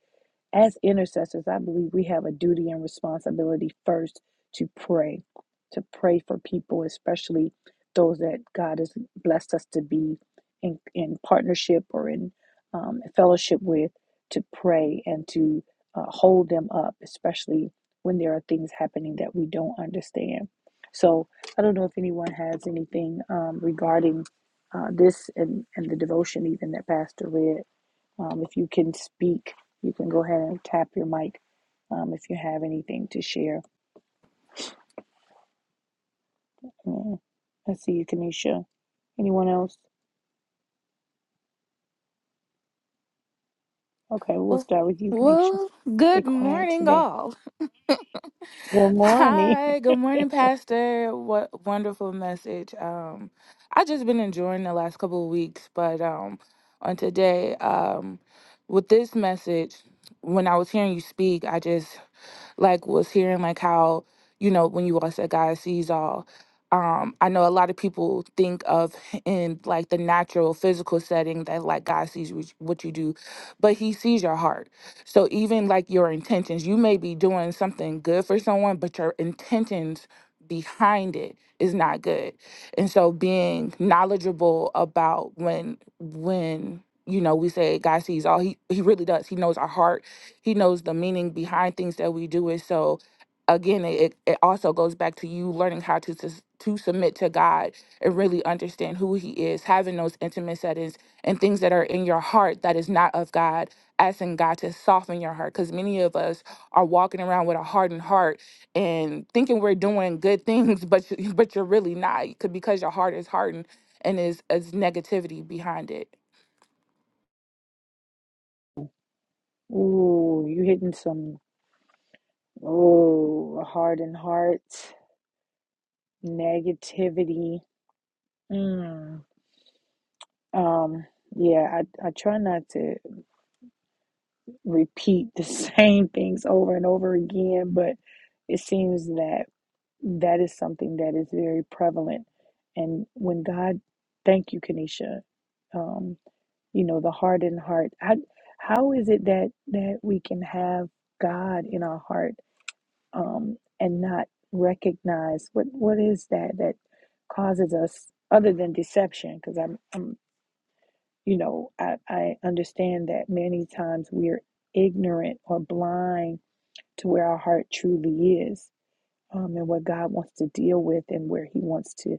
As intercessors, I believe we have a duty and responsibility first to pray, to pray for people, especially those that God has blessed us to be in, in partnership or in um, fellowship with, to pray and to uh, hold them up, especially when there are things happening that we don't understand. So I don't know if anyone has anything um, regarding uh, this and, and the devotion even that Pastor read. Um, if you can speak, you can go ahead and tap your mic um, if you have anything to share. Mm. I see you, Kanisha. Anyone else? Okay, we'll Well, start with you, Kanisha. well, Stay good quiet morning, today. all. Good morning. Hi, good morning, Pastor. What wonderful message. Um, I just been enjoying the last couple of weeks, but um, on today, um, with this message, when I was hearing you speak, I just like was hearing like how you know when you all said God sees all. Um, I know a lot of people think of in like the natural physical setting that like God sees what what you do, but He sees your heart. So even like your intentions, you may be doing something good for someone, but your intentions behind it is not good. And so being knowledgeable about when when you know we say God sees all, He He really does. He knows our heart he knows the meaning behind things that we do. And so, again, it, it also goes back to you learning how to sus- to submit to God and really understand who He is, having those intimate settings and things that are in your heart that is not of God, asking God to soften your heart. Because many of us are walking around with a hardened heart and thinking we're doing good things, but you- but you're really not, 'cause- because your heart is hardened and is is negativity behind it. Ooh, you hitting some, ooh, hardened hearts, negativity. Mm. Um, yeah, I, I try not to repeat the same things over and over again, but it seems that. That is something that is very prevalent. And when God, thank you, Kanisha, um, you know, the hardened heart. How, how is it that that we can have God in our heart um, and not recognize what what is that that causes us other than deception? Because I'm, I'm, you know, I, I understand that many times we're ignorant or blind to where our heart truly is um, and what God wants to deal with and where He wants to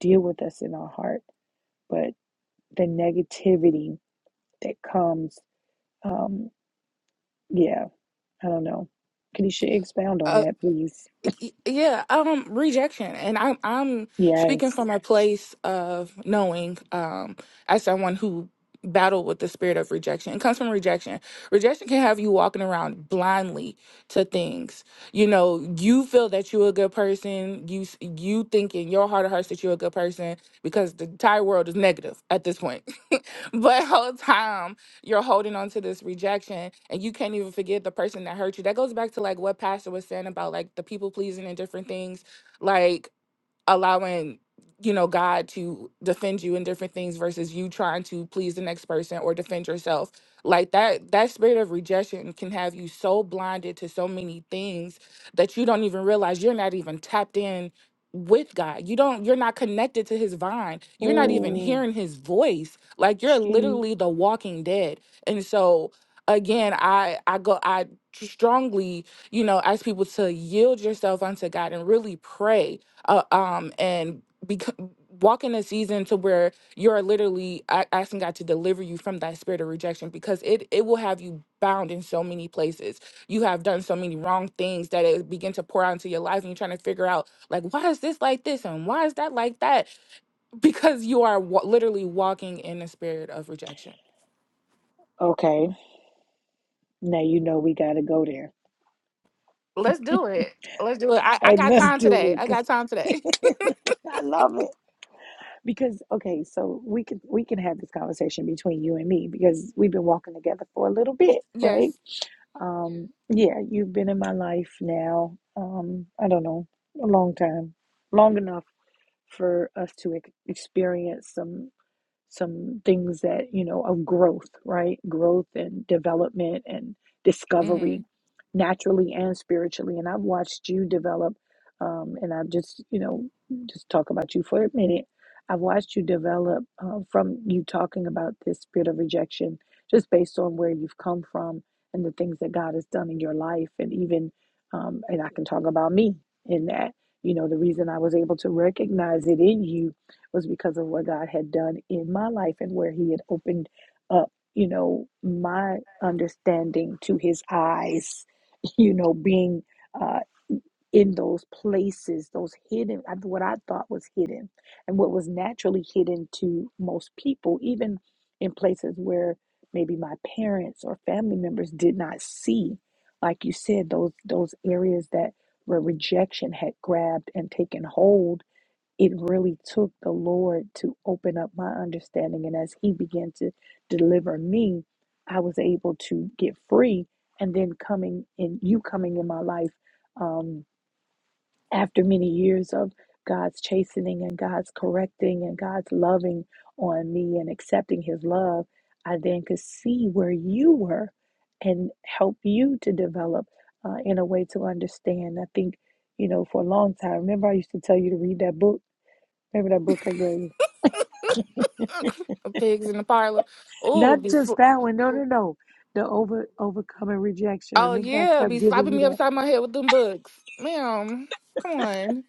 deal with us in our heart. But the negativity that comes, um, yeah, I don't know. Kanisha, expound on that, please. y- yeah um rejection and i'm i'm speaking Yes. from a place of knowing um as someone who battled with the spirit of rejection it comes from rejection rejection can have you walking around blindly to things you know you feel that you're a good person you s- you think in your heart of hearts that you're a good person because the entire world is negative at this point but whole time you're holding on to this rejection and you can't even forgive the person that hurt you. That goes back to like what Pastor was saying about like the people pleasing and different things. Like allowing you know god to defend you in different things versus you trying to please the next person or defend yourself like that that spirit of rejection can have you so blinded to so many things that you don't even realize you're not even tapped in with god you don't you're not connected to his vine you're not even Oh, hearing his voice like you're gee. literally the walking dead and so again i i go i strongly you know ask people to yield yourself unto god and really pray uh, um, and bec- walk in a season to where you're literally a- asking God to deliver you from that spirit of rejection because it it will have you bound in so many places. You have done so many wrong things that it begin to pour out into your life, and you're trying to figure out like why is this like this and why is that like that because you are wa- literally walking in a spirit of rejection. Okay, now you know we got to go there. Let's do it. Let's do it. I, I Hey, got let's time do today. it. I 'cause got time today. I love it because okay, so we can we can have this conversation between you and me because we've been walking together for a little bit, yes. right? Um, yeah, you've been in my life now, um, I don't know, a long time, long enough for us to ex experience some some things that you know of growth right growth and development and Mm-hmm. discovery naturally and spiritually and i've watched you develop um, and i've just you know just talk about you for a minute i've watched you develop uh, from you talking about this spirit of rejection just based on where you've come from and the things that god has done in your life and even um, and i can talk about me in that you know the reason i was able to recognize it in you was because of what God had done in my life and where He had opened up, you know, my understanding to His eyes, you know, being uh, in those places, those hidden, what I thought was hidden, and what was naturally hidden to most people, even in places where maybe my parents or family members did not see, like you said, those those areas that where rejection had grabbed and taken hold it really took the Lord to open up my understanding. And as He began to deliver me, I was able to get free. And then coming in, you coming in my life um, after many years of God's chastening and God's correcting and God's loving on me and accepting His love, I then could see where you were and help you to develop uh, in a way to understand. I think, you know, for a long time, remember I used to tell you to read that book? Remember that book I gave you? Pigs in the parlor. Not Oh, just that one. No, no, no. The over overcoming rejection. Oh Remember I yeah, kept be giving slapping you me that. upside my head with them books, ma'am. Come on.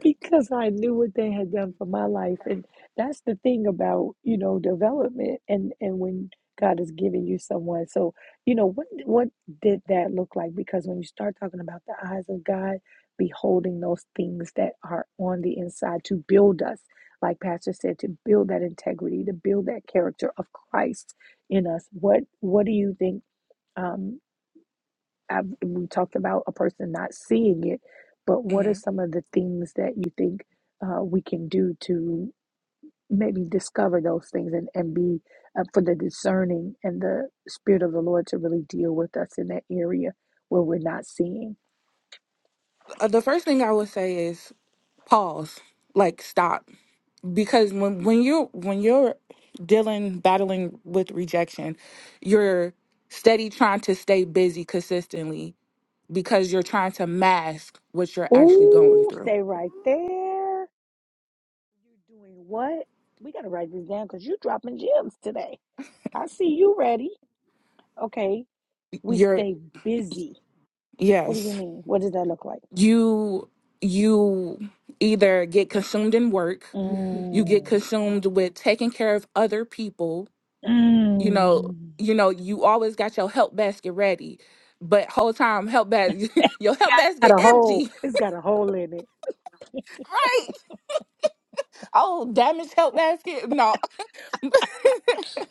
because I knew what they had done for my life. And that's the thing about, you know, development and and when God is giving you someone. So, you know, what what did that look like? Because when you start talking about the eyes of God beholding those things that are on the inside to build us, like Pastor said, to build that integrity, to build that character of Christ in us. What what do you think? um I've, we talked about a person not seeing it, but what hmm are some of the things that you think uh, we can do to maybe discover those things and, and be uh, for the discerning and the Spirit of the Lord to really deal with us in that area where we're not seeing? Uh, the first thing I would say is pause, like stop, because when when you when you're dealing battling with rejection, you're steady trying to stay busy consistently because you're trying to mask what you're actually going Ooh, through. stay right there. You're doing what? We got to write this down because you're dropping gems today. I see you ready. Okay, we You're stay busy. What do you yes. mean? What does that look like? you you either get consumed in work you get Mm. consumed with taking care of other people you know Mm. you know you always got your help basket ready but whole time help basket your help Got basket a hole. empty It's got a hole in it. right oh damaged help basket no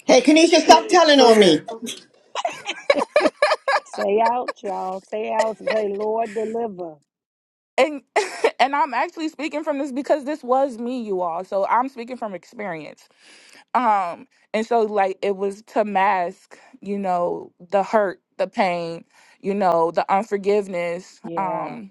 Hey, Kanisha, stop telling on me. True. Say out, y'all. Say out. Say, Lord, deliver. and and i'm actually speaking from this because this was me you all so i'm speaking from experience Um, and so like it was to mask, you know, the hurt, the pain, you know, the unforgiveness, Yeah. um,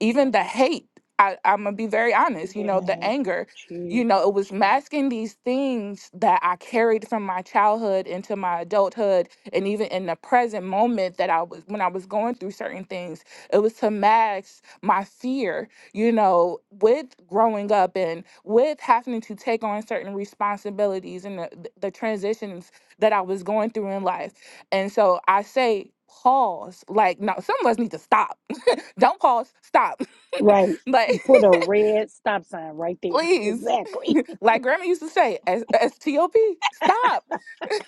even the hate. I, I'm gonna be very honest, you know, the Yes, anger, Jesus. you know, it was masking these things that I carried from my childhood into my adulthood and even in the present moment that I was when I was going through certain things, it was to mask my fear you know, with growing up and with having to take on certain responsibilities and the, the transitions that I was going through in life. And so I say, pause. Like, no, some of us need to stop. Don't pause, stop. Right. Like, Put a red stop sign right there. please. Exactly. Like Grandma used to say, as STOP, stop.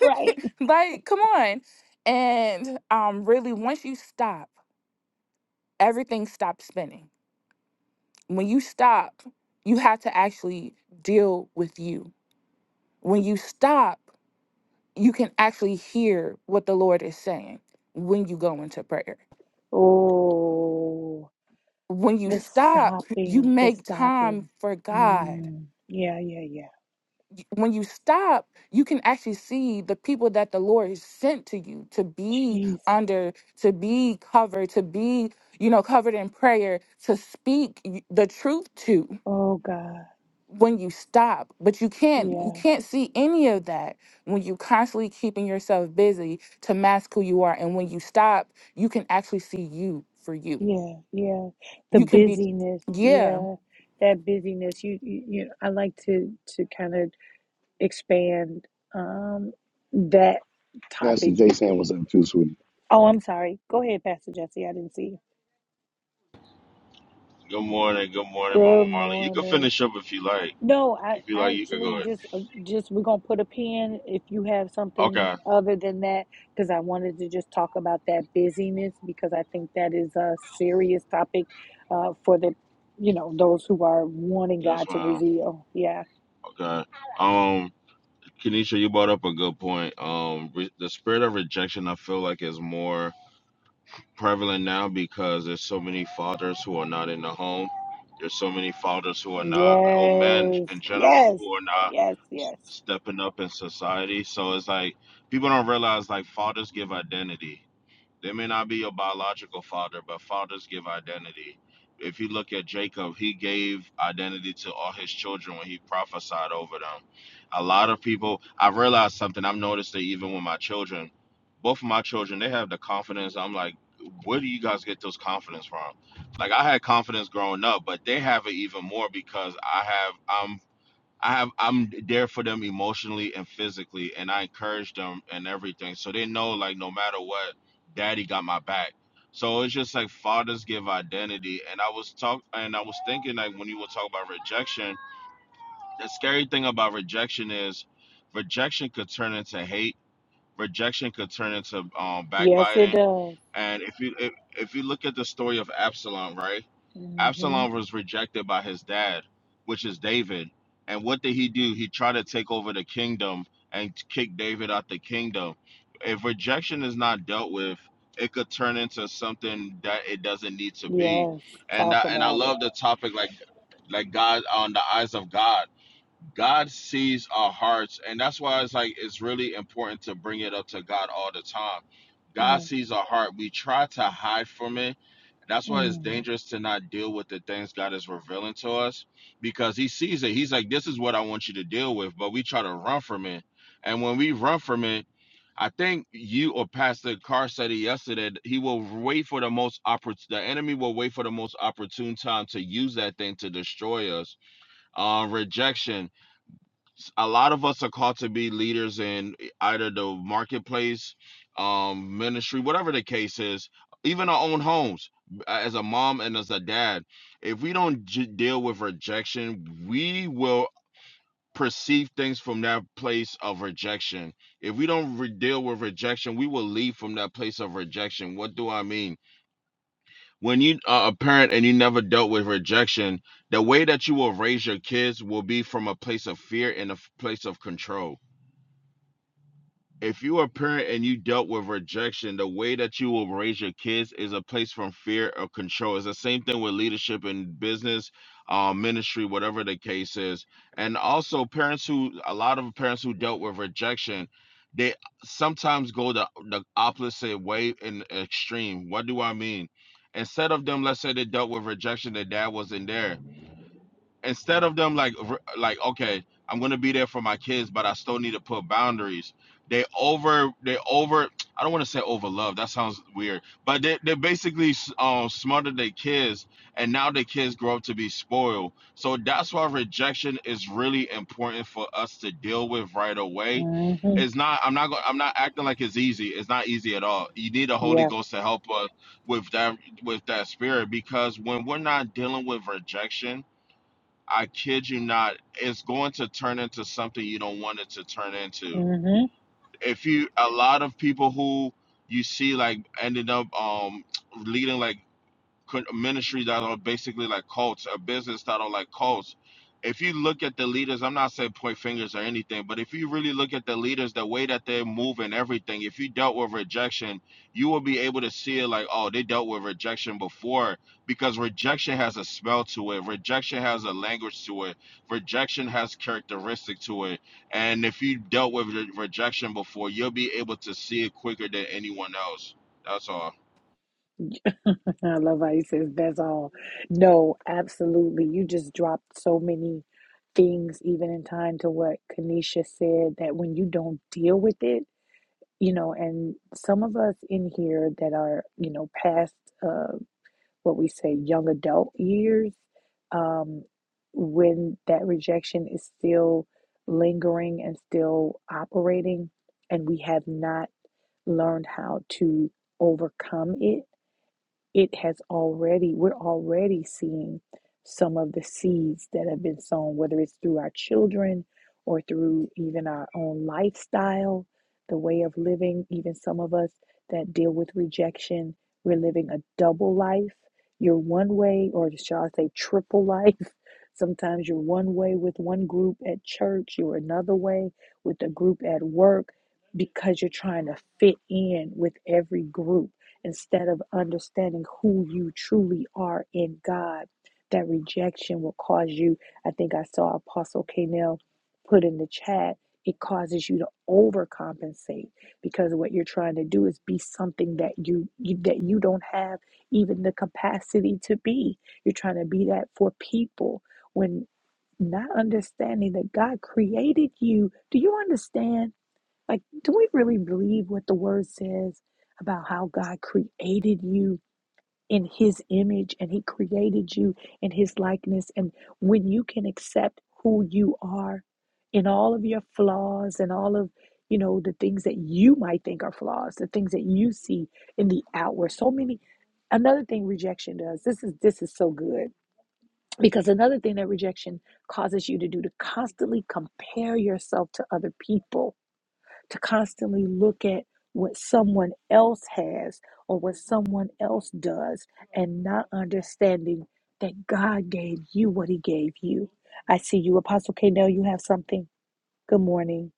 Right. like, come on. And um, really, once you stop, everything stops spinning. When you stop, you have to actually deal with you when you stop, you can actually hear what the Lord is saying when you go into prayer. Oh, When you the stop, you stopping. The make time stopping. for God. Mm. Yeah, yeah, yeah. Y- When you stop, you can actually see the people that the Lord has sent to you to be Jesus. under, to be covered, to be, you know, covered in prayer, to speak y- the truth to. Oh, God. when you stop but you can't you Yeah. can't see any of that when you constantly keeping yourself busy to mask who you are and when you stop you can actually see you for you Yeah, yeah. The you can be busyness, yeah yeah. That busyness. You, you, you I like to to kind of expand um that pastor topic Jay, because saying was up too sweetie Oh, I'm sorry. Go ahead, Pastor Jesse. I didn't see you. Good morning. No, I, I actually just uh, just we're gonna put a pin if you have something other than that, because I wanted to just talk about that busyness because I think that is a serious topic uh, for the you know those who are wanting God to reveal. Yeah. Yes. Yes. Yes. Yes. Yes, it does. Mm-hmm. Yes. Talk about it. Yes. Mm-hmm. Mm-hmm. Yeah. Mm-hmm. I love how he says that's all. No, absolutely. You just dropped so many things, even in time to what Kanisha said, that when you don't deal with it, you know, and some of us in here that are, you know, past uh, what we say young adult years, um, when that rejection is still lingering and still operating, and we have not learned how to overcome it it has already, we're already seeing some of the seeds that have been sown, whether it's through our children or through even our own lifestyle, the way of living. Even some of us that deal with rejection, we're living a double life. You're one way, or shall I say, triple life. Sometimes you're one way with one group at church, you're another way with a group at work because you're trying to fit in with every group instead of understanding who you truly are in God. That rejection will cause you, I think I saw Apostle Kanell put in the chat, it causes you to overcompensate because what you're trying to do is be something that you, you that you don't have even the capacity to be. You're trying to be that for people when not understanding that God created you. Do you understand? Like, do we really believe what the word says about how God created you in his image and he created you in his likeness? And when you can accept who you are in all of your flaws and all of you know the things that you might think are flaws the things that you see in the outward so many another thing rejection does this is this is so good because another thing that rejection causes you to do to constantly compare yourself to other people to constantly look at what someone else has or what someone else does and not understanding that God gave you what he gave you. I see you, Apostle K. Now you have something. Good morning.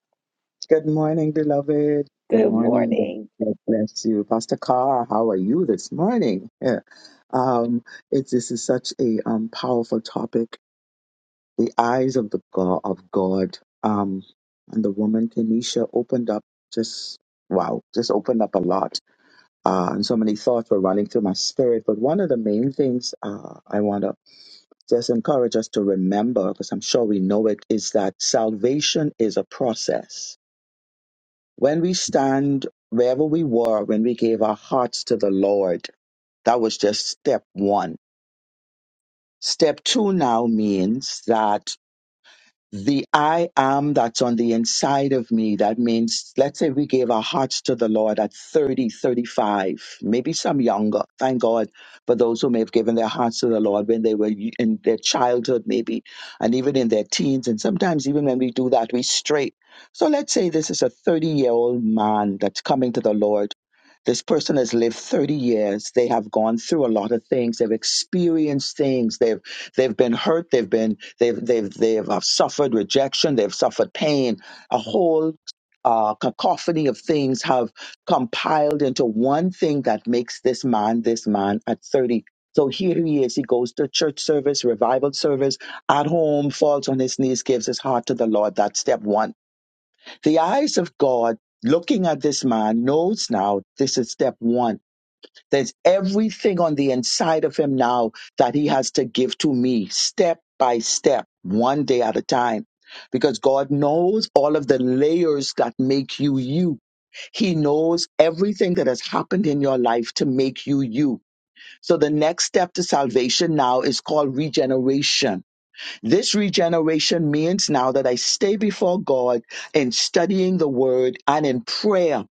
Good morning, beloved. Good Good morning. morning. God bless you. Pastor Carr, how are you this morning? Yeah. Um, it's this is such a um, powerful topic. The eyes of the God of God. Um, and the woman Tanisha opened up just wow, just opened up a lot. Uh, and so many thoughts were running through my spirit. But one of the main things uh, I want to just encourage us to remember, because I'm sure we know it, is that salvation is a process when we stand wherever we were when we gave our hearts to the lord that was just step one step two now means that the I am that's on the inside of me. That means, let's say we gave our hearts to the Lord at 30, 35, maybe some younger. Thank God for those who may have given their hearts to the Lord when they were y- in their childhood, maybe, and even in their teens. And sometimes, even when we do that, we stray. So let's say this is a 30 year old man that's coming to the Lord. This person has lived 30 years. They have gone through a lot of things. They've experienced things. They've they've been hurt. They've been They've, they've, they have suffered rejection. They've suffered pain. A whole uh, cacophony of things have compiled into one thing that makes this man this man at 30. So here he is. He goes to church service, revival service, at home, falls on his knees, gives his heart to the Lord. That's step one. The eyes of God looking at this man knows now this is step one there's everything on the inside of him now that he has to give to me step by step, one day at a time. Because God knows all of the layers that make you you. He knows everything that has happened in your life to make you you. So the next step to salvation now is called regeneration this regeneration means now that I stay before God in studying the word and in prayer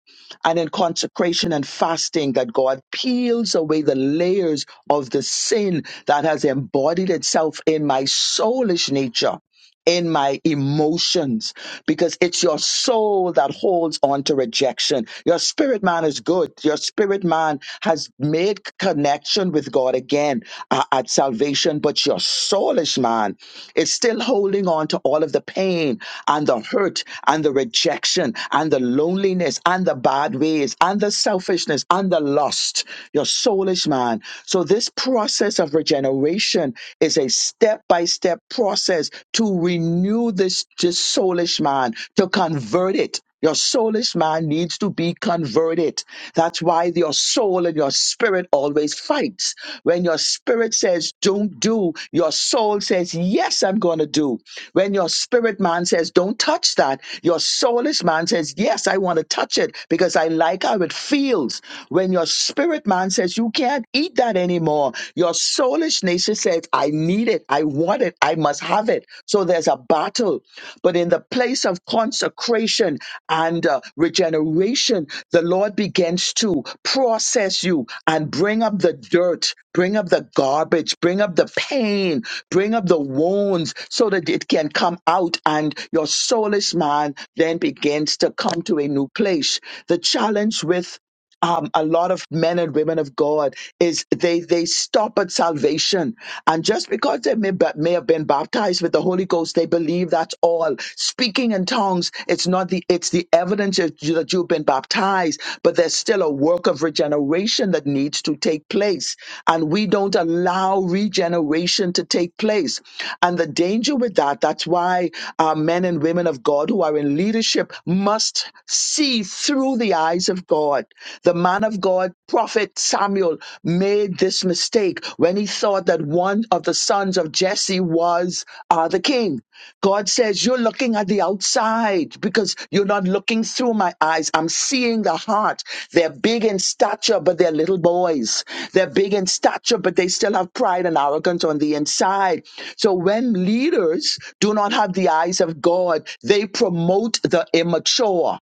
and in consecration and fasting that God peels away the layers of the sin that has embodied itself in my soulish nature in my emotions because it's your soul that holds on to rejection. Your spirit man is good. Your spirit man has made connection with God again uh, at salvation, but your soulish man is still holding on to all of the pain and the hurt and the rejection and the loneliness and the bad ways and the selfishness and the lust. Your soulish man. So this process of regeneration is a step by step process to renew this, this soulish man, to convert it. Your soulish man needs to be converted. That's why your soul and your spirit always fights. When your spirit says, don't do, your soul says, yes, I'm going to do. When your spirit man says, don't touch that, your soulish man says, yes, I want to touch it because I like how it feels. When your spirit man says, you can't eat eat that anymore. Your soulish nature says, I need it, I want it, I must have it. So there's a battle. But in the place of consecration and uh, regeneration, the Lord begins to process you and bring up the dirt, bring up the garbage, bring up the pain, bring up the wounds so that it can come out and your soulless man then begins to come to a new place. The challenge with um, a lot of men and women of God is they they stop at salvation, and just because they may, ba- may have been baptized with the Holy Ghost, they believe that's all. Speaking in tongues, it's not the it's the evidence that you- that you've been baptized, but there's still a work of regeneration that needs to take place, and we don't allow regeneration to take place. And the danger with that, that's why uh, men and women of God who are in leadership must see through the the eyes of God. The man of God, prophet Samuel, made this mistake when he thought that one of the sons of Jesse was uh, the king. God says, You're looking at the outside because you're not looking through my eyes. I'm seeing the heart. They're big in stature, but they're little boys. They're big in stature, but they still have pride and arrogance on the inside. So when leaders do not have the eyes of God, they promote the immature.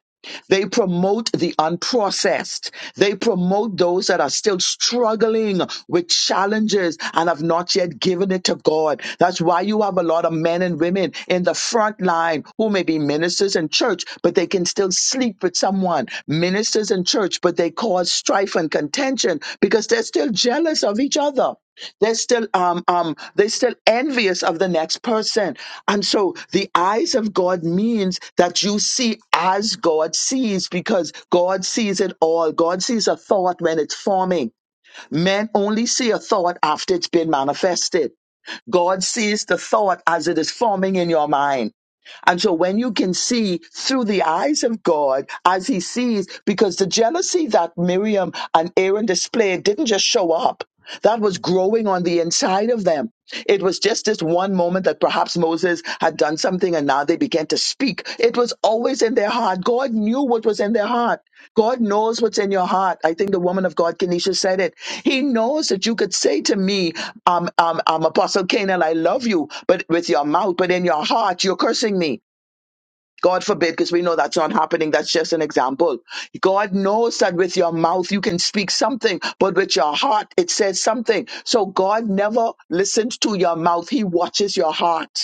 They promote the unprocessed. They promote those that are still struggling with challenges and have not yet given it to God. That's why you have a lot of men and women in the front line who may be ministers in church, but they can still sleep with someone. Ministers in church, but they cause strife and contention because they're still jealous of each other. They're still um um they're still envious of the next person. And so the eyes of God means that you see as God sees because God sees it all. God sees a thought when it's forming. Men only see a thought after it's been manifested. God sees the thought as it is forming in your mind. And so when you can see through the eyes of God as he sees, because the jealousy that Miriam and Aaron displayed didn't just show up. That was growing on the inside of them. It was just this one moment that perhaps Moses had done something and now they began to speak. It was always in their heart. God knew what was in their heart. God knows what's in your heart. I think the woman of God, Kenesha, said it. He knows that you could say to me, um, um, um, Apostle Canaan, I love you, but with your mouth, but in your heart, you're cursing me. God forbid, because we know that's not happening. That's just an example. God knows that with your mouth you can speak something, but with your heart it says something. So God never listens to your mouth. He watches your heart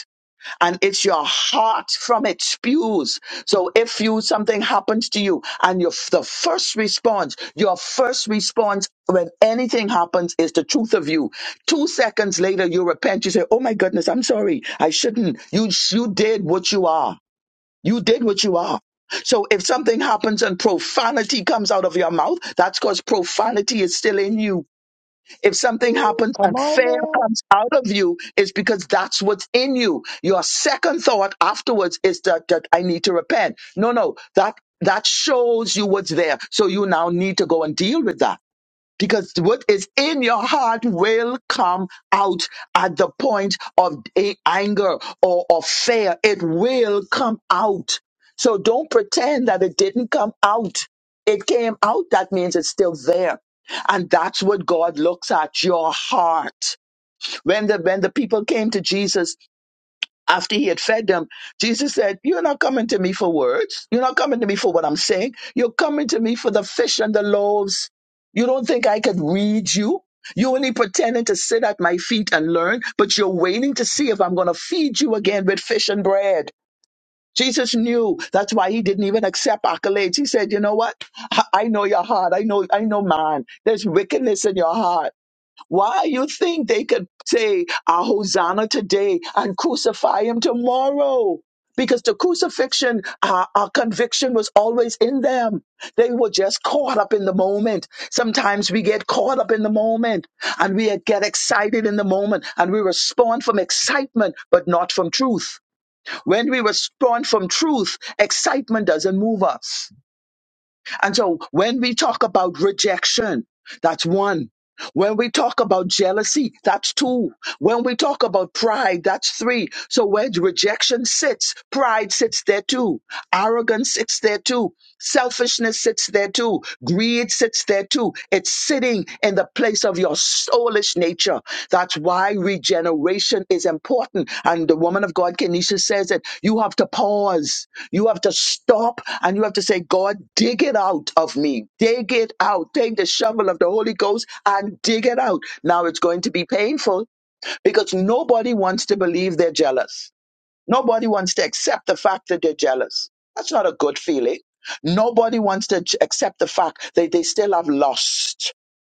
and it's your heart from it spews. So if you something happens to you and your the first response, your first response when anything happens is the truth of you. Two seconds later, you repent. You say, "Oh my goodness, I'm sorry. I shouldn't. You you did what you are. You did what you are." So if something happens and profanity comes out of your mouth, that's because profanity is still in you if something happens Come and on fear now. comes out of you, it's because that's what's in you. Your second thought afterwards is that, that I need to repent. No, no, that that shows you what's there. So you now need to go and deal with that because what is in your heart will come out at the point of a- anger or of fear. It will come out. So don't pretend that it didn't come out. It came out. That means it's still there. And that's what God looks at, your heart. When the, when the people came to Jesus after he had fed them, Jesus said, You're not coming to me for words. You're not coming to me for what I'm saying. You're coming to me for the fish and the loaves. You don't think I could read you? You only pretending to sit at my feet and learn, but you're waiting to see if I'm going to feed you again with fish and bread. Jesus knew. That's why he didn't even accept accolades. He said, "You know what? I I know your heart. I know. I know, man. There's wickedness in your heart." Why you think they could say a hosanna today and crucify him tomorrow? Because the crucifixion, uh, our conviction was always in them. They were just caught up in the moment. Sometimes we get caught up in the moment and we get excited in the moment and we respond from excitement, but not from truth. When we respond from truth, excitement doesn't move us. And so when we talk about rejection, that's one. When we talk about jealousy, that's two. When we talk about pride, that's three. So where rejection sits, pride sits there too. Arrogance sits there too. Selfishness sits there too. Greed sits there too. It's sitting in the place of your soulish nature. That's why regeneration is important. And the woman of God, Kenisha, says it. You have to pause. You have to stop and you have to say, God, dig it out of me. Dig it out. Take the shovel of the Holy Ghost and dig it out. Now it's going to be painful because nobody wants to believe they're jealous. Nobody wants to accept the fact that they're jealous. That's not a good feeling. Nobody wants to j- accept the fact that they still have lost.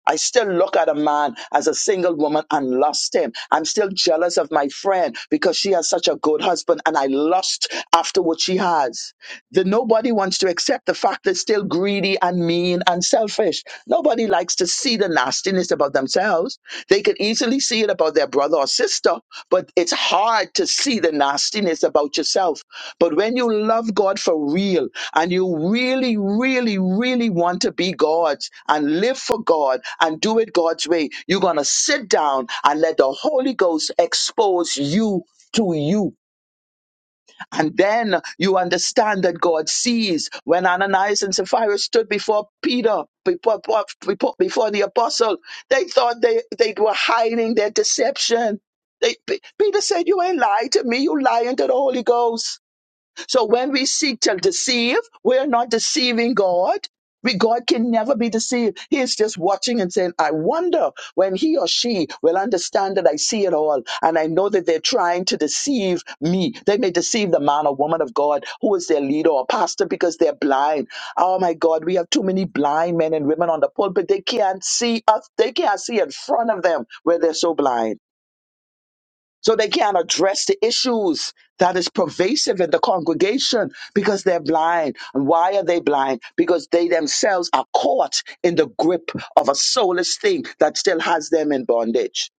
I still look at a man as a single woman and lost him. I'm still jealous of my friend because she has such a good husband and I lust after what she has. The nobody wants to accept the fact they're still greedy and mean and selfish. Nobody likes to see the nastiness about themselves. They could easily see it about for their brother or sister, but it's hard to see the nastiness about yourself. But when you love God for real and you really, really, really want to be God's and live for God and do it God's way, you're going to sit down and let the Holy Ghost expose you to you and then you understand that God sees when Ananias and Sapphira stood before Peter, before, before, before the apostle, they thought they, they were hiding their deception. They, P- Peter said, You ain't lying to me, you lying to the Holy Ghost. So when we seek to deceive, we're not deceiving God. We, God can never be deceived. He is just watching and saying, I wonder when he or she will understand that I see it all. And I know that they're trying to deceive me. They may deceive the man or woman of God who is their leader or pastor because they're blind. Oh my God, we have too many blind men and women on the pulpit. They can't see us. They can't see in front of them where they're so blind. So they can't address the issues that is pervasive in the congregation because they're blind. And why are they blind? Because they themselves are caught in the grip of a soulless thing that still has them in bondage.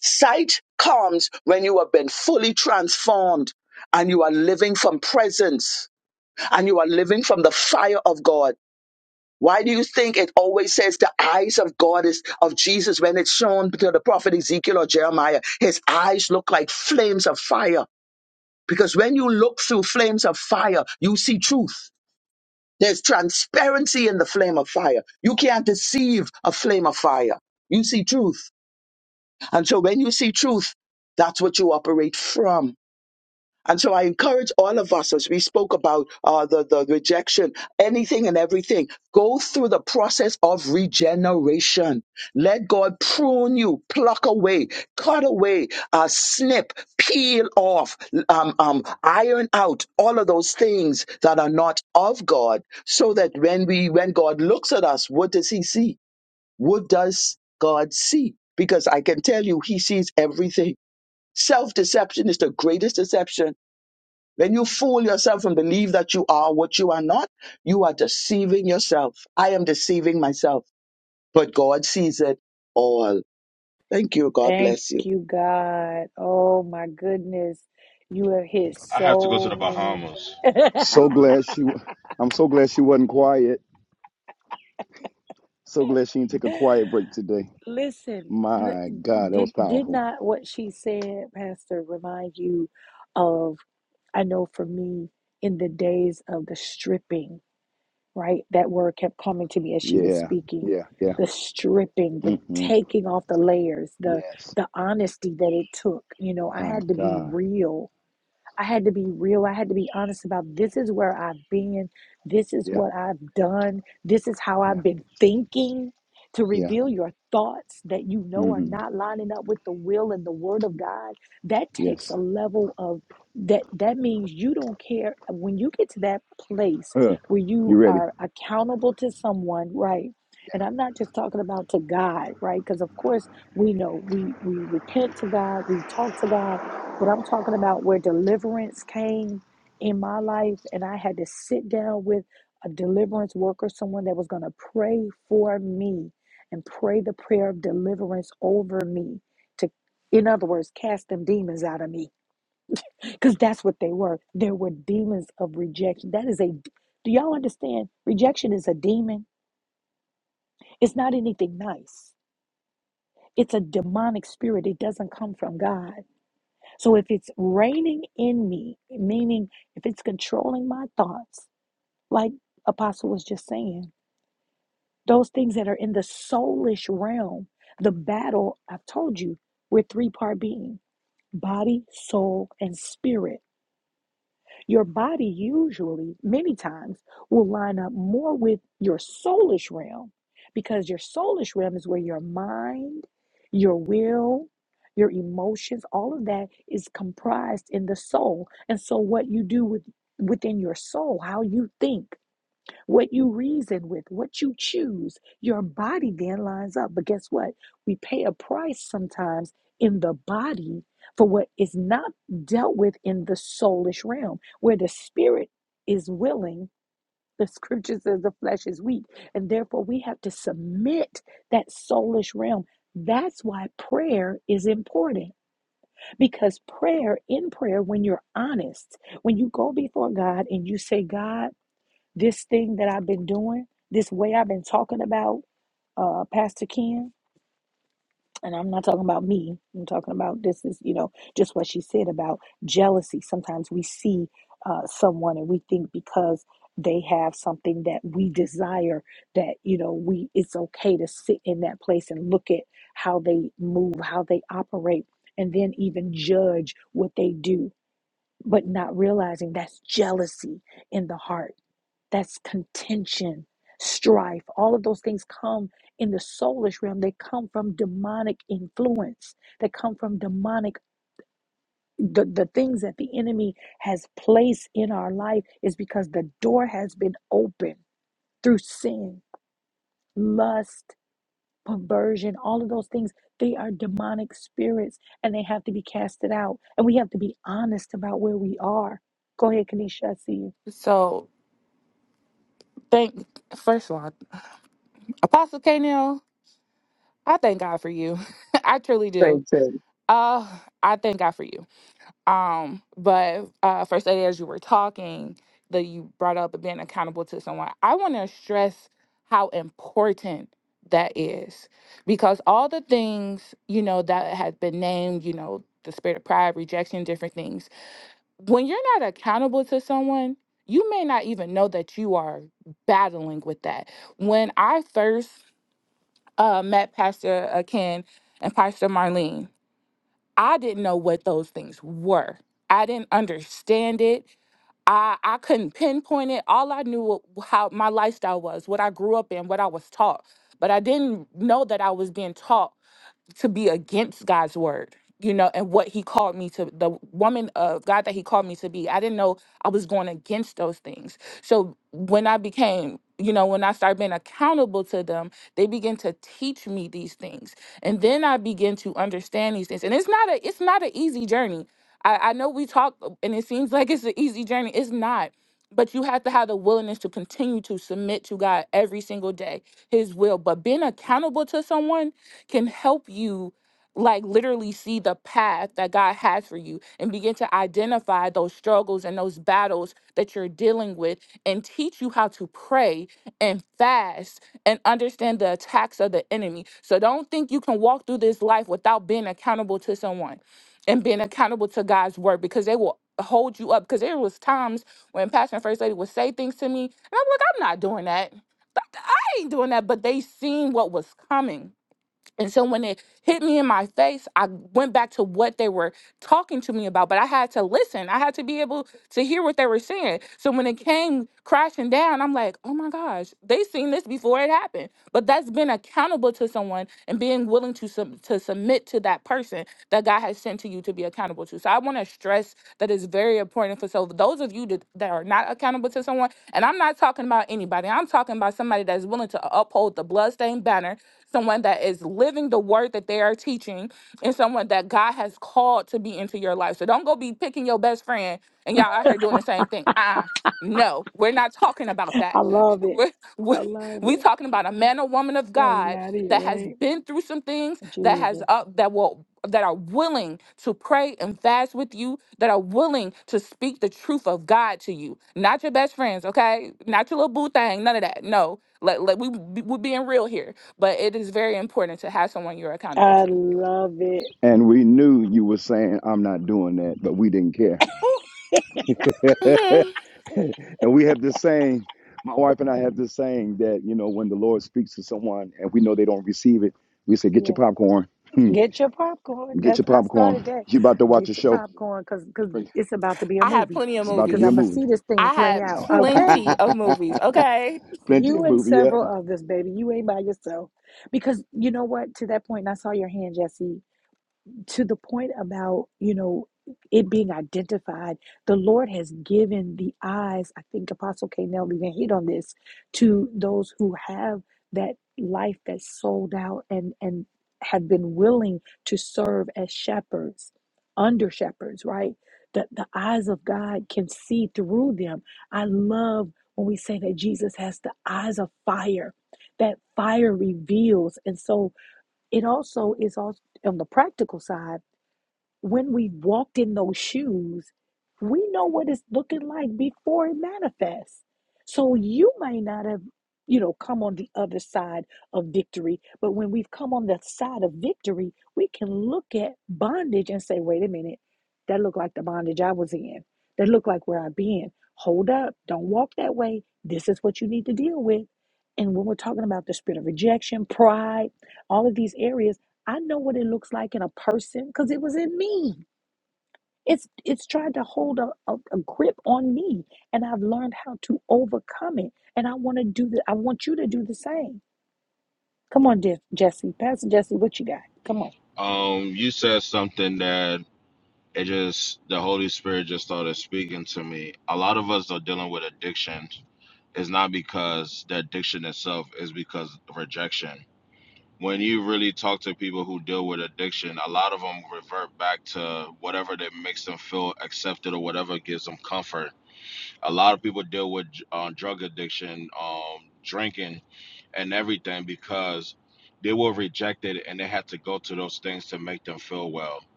Sight comes when you have been fully transformed and you are living from presence and you are living from the fire of God. Why do you think it always says the eyes of God is of Jesus when it's shown to the prophet Ezekiel or Jeremiah? His eyes look like flames of fire. Because when you look through flames of fire, you see truth. There's transparency in the flame of fire. You can't deceive a flame of fire. You see truth. And so when you see truth, that's what you operate from. And so I encourage all of us, as we spoke about uh, the, the rejection, anything and everything, go through the process of regeneration. Let God prune you, pluck away, cut away, uh, snip, peel off, um, um, iron out all of those things that are not of God, so that when we when God looks at us, what does He see? What does God see? Because I can tell you, He sees everything. Self deception is the greatest deception when you fool yourself and believe that you are what you are not, you are deceiving yourself. I am deceiving myself, but God sees it all. Thank you. God Thank bless you. you, God. Oh my goodness. You have hit so many. so glad she wa- i'm so glad she wasn't quiet so glad she didn't take a quiet break today Listen, l- my god that was did did powerful not what she said, Pastor, remind you of, I know for me, in the days of the stripping, right? That word kept coming to me as she was Yeah, speaking. yeah, yeah. The stripping, the hmm taking off the layers, the Yes, the honesty that it took. You know, I my had to be God. real I had to be real. I had to be honest about this is where I've been. This is Yeah, what I've done. This is how yeah, I've been thinking. To yeah. reveal your thoughts that you know are hmm not lining up with the will and the word of God, that takes a Yes. level of that that means you don't care when you get to that place Uh, where you you ready? are accountable to someone right and Yeah. i'm not just talking about to god right because of course we know we we repent to god we talk to god but I'm talking about where deliverance came in my life, and I had to sit down with a deliverance worker, someone that was going to pray for me and pray the prayer of deliverance over me to, in other words, cast them demons out of me because that's what they were. There were demons of rejection. That is a, do y'all understand? Rejection is a demon, it's not anything nice, it's a demonic spirit, it doesn't come from God. So if it's reigning in me, meaning if it's controlling my thoughts, like Apostle was just saying, those things that are in the soulish realm, the battle, I've told you, we're three part being body, soul, and spirit. Your body, usually, many times, will line up more with your soulish realm because your soulish realm is where your mind, your will, your emotions, all of that is comprised in the soul. And so, what you do with, within your soul, how you think, what you reason with, what you choose, your body then lines up. But guess what? We pay a price sometimes in the body for what is not dealt with in the soulish realm, where the spirit is willing. The scripture says the flesh is weak, and therefore we have to submit that soulish realm. That's why prayer is important because prayer, in prayer, when you're honest, when you go before God and you say, God, this thing that I've been doing, this way I've been talking about uh, Pastor Ken, and I'm not talking about me. I'm talking about this is, you know, just what she said about jealousy. Sometimes we see uh, someone and we think because they have something that we desire that you know we it's okay to sit in that place and look at how they move how they operate and then even judge what they do but not realizing that's jealousy in the heart that's contention, strife. All of those things come in the soulish realm. They come from demonic influence. They come from demonic. The, the things that the enemy has placed in our life is because the door has been opened through sin, lust, perversion, all of those things. They are demonic spirits and they have to be casted out. And we have to be honest about where we are. Go ahead, Kanisha. I see you. so thank first of all apostle K. Nell, I thank god for you i truly do Praise Him. uh i thank god for you Um, but uh, First Lady, as you were talking, that you brought up being accountable to someone, I want to stress how important that is because all the things you know that has been named, you know, the spirit of pride, rejection, different things. When you're not accountable to someone, you may not even know that you are battling with that. When I first uh, met Pastor uh, Ken and Pastor Marlene, I didn't know what those things were. I didn't understand it. I, I couldn't pinpoint it. All I knew wa- how my lifestyle was, what I grew up in, what I was taught. But I didn't know that I was being taught to be against God's word, you know, and what he called me to the woman of God that he called me to be. I didn't know I was going against those things. So when I became, you know, when I started being accountable to them, they began to teach me these things. And then I began to understand these things. And it's not a it's not an easy journey. I, I know we talk uh, and it seems like it's an easy journey. It's not but you have to have the willingness to continue to submit to God every single day, His will. But being accountable to someone can help you, like, literally see the path that God has for you and begin to identify those struggles and those battles that you're dealing with and teach you how to pray and fast and understand the attacks of the enemy. So don't think you can walk through this life without being accountable to someone and being accountable to God's word because they will hold you up because there was times when Pastor and First Lady would say things to me, and I'm like, I'm not doing that. Th- th- I ain't doing that. But they seen what was coming. And so when it hit me in my face, I went back to what they were talking to me about, but I had to listen. I had to be able to hear what they were saying. So when it came crashing down, I'm like, oh my gosh, they seen this before it happened but that's being accountable to someone and being willing to sub- to submit to that person that God has sent to you to be accountable to. So I want to stress that it's very important for so those of you that, that are not accountable to someone, and I'm not talking about anybody. I'm talking about somebody that's willing to uphold the bloodstained banner, someone that is living the word that they are teaching, and someone that God has called to be into your life. So don't go be picking your best friend and y'all out here doing the same thing. Ah. No, we're not talking about I that. love it. We're, we're, I love we it. talking about a man or woman of That's God not it, that has right? been through some things that has Jesus. uh, that will that are willing to pray and fast with you, that are willing to speak the truth of God to you. Not your best friends, okay? Not your little boo thing, none of that. No. Let, let we be- we're being real here, but it is very important to have someone you're accountable I to. love it. And we knew you were saying, I'm not doing that, but we didn't care. Ooh, and mhm. we have this saying, my wife and I have this saying that, you know, when the Lord speaks to someone and we know they don't receive it, we say, get your Yeah. popcorn. Hmm. Get your popcorn. get That's your I popcorn. started that. You about to watch a Get your show. popcorn cuz cuz it's about to be a I had movie. plenty of It's about to Cuz be I'm a movies. gonna movie. see this thing I play had out. Okay? plenty of movies, okay? Plenty You of and movie. yeah. several others, baby. You ain't by yourself. Because you know what? To that point, and I saw your hand, Jesse. to the point about you know it being identified the lord has given the eyes i think apostle k nell even hit on this to those who have that life that's sold out and and have been willing to serve as shepherds under shepherds right that the eyes of god can see through them i love when we say that jesus has the eyes of fire that fire reveals and so it also is also on the practical side when we walked in those shoes, we know what it's looking like before it manifests. So you might not have, you know, come on the other side of victory, but when we've come on the side of victory, we can look at bondage and say, wait a minute, that looked like the bondage I was in. That looked like where I've been. Hold up, don't walk that way. This is what you need to deal with. And when we're talking about the spirit of rejection, pride, all of these areas, I know what it looks like in a person because it was in me. It's it's tried to hold a, a, a grip on me, and I've learned how to overcome it. And I want to do that. I want you to do the same. Come on, Je- Jesse, Pastor Jesse, what you got? Come on.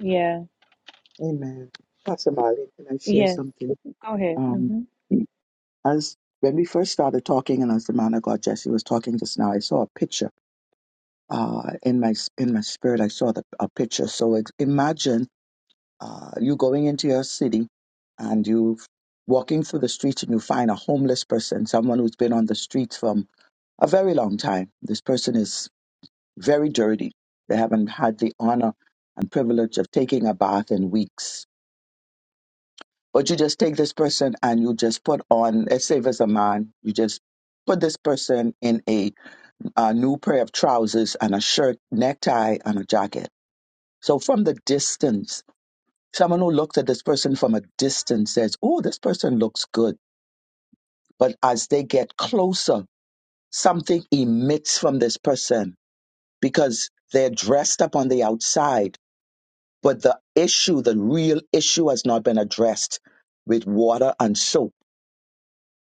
Yeah. Amen. Pastor Marley, can I share Yes. something? Go ahead. Um, hmm as when we first started talking, and as the man of God Jesse was talking just now, I saw a picture. Uh, in my in my spirit, I saw the, a picture. So it's, imagine Uh, you going into your city and you walking through the streets and you find a homeless person, someone who's been on the streets from a very long time. This person is very dirty. They haven't had the honor and privilege of taking a bath in weeks. But you just take this person and you just put on, let's say if it's a man, you just put this person in a, a new pair of trousers and a shirt, necktie, and a jacket. So from the distance, Someone who looks at this person from a distance says, Oh, this person looks good. But as they get closer, something emits from this person because they're dressed up on the outside, but the issue, the real issue, has not been addressed with water and soap.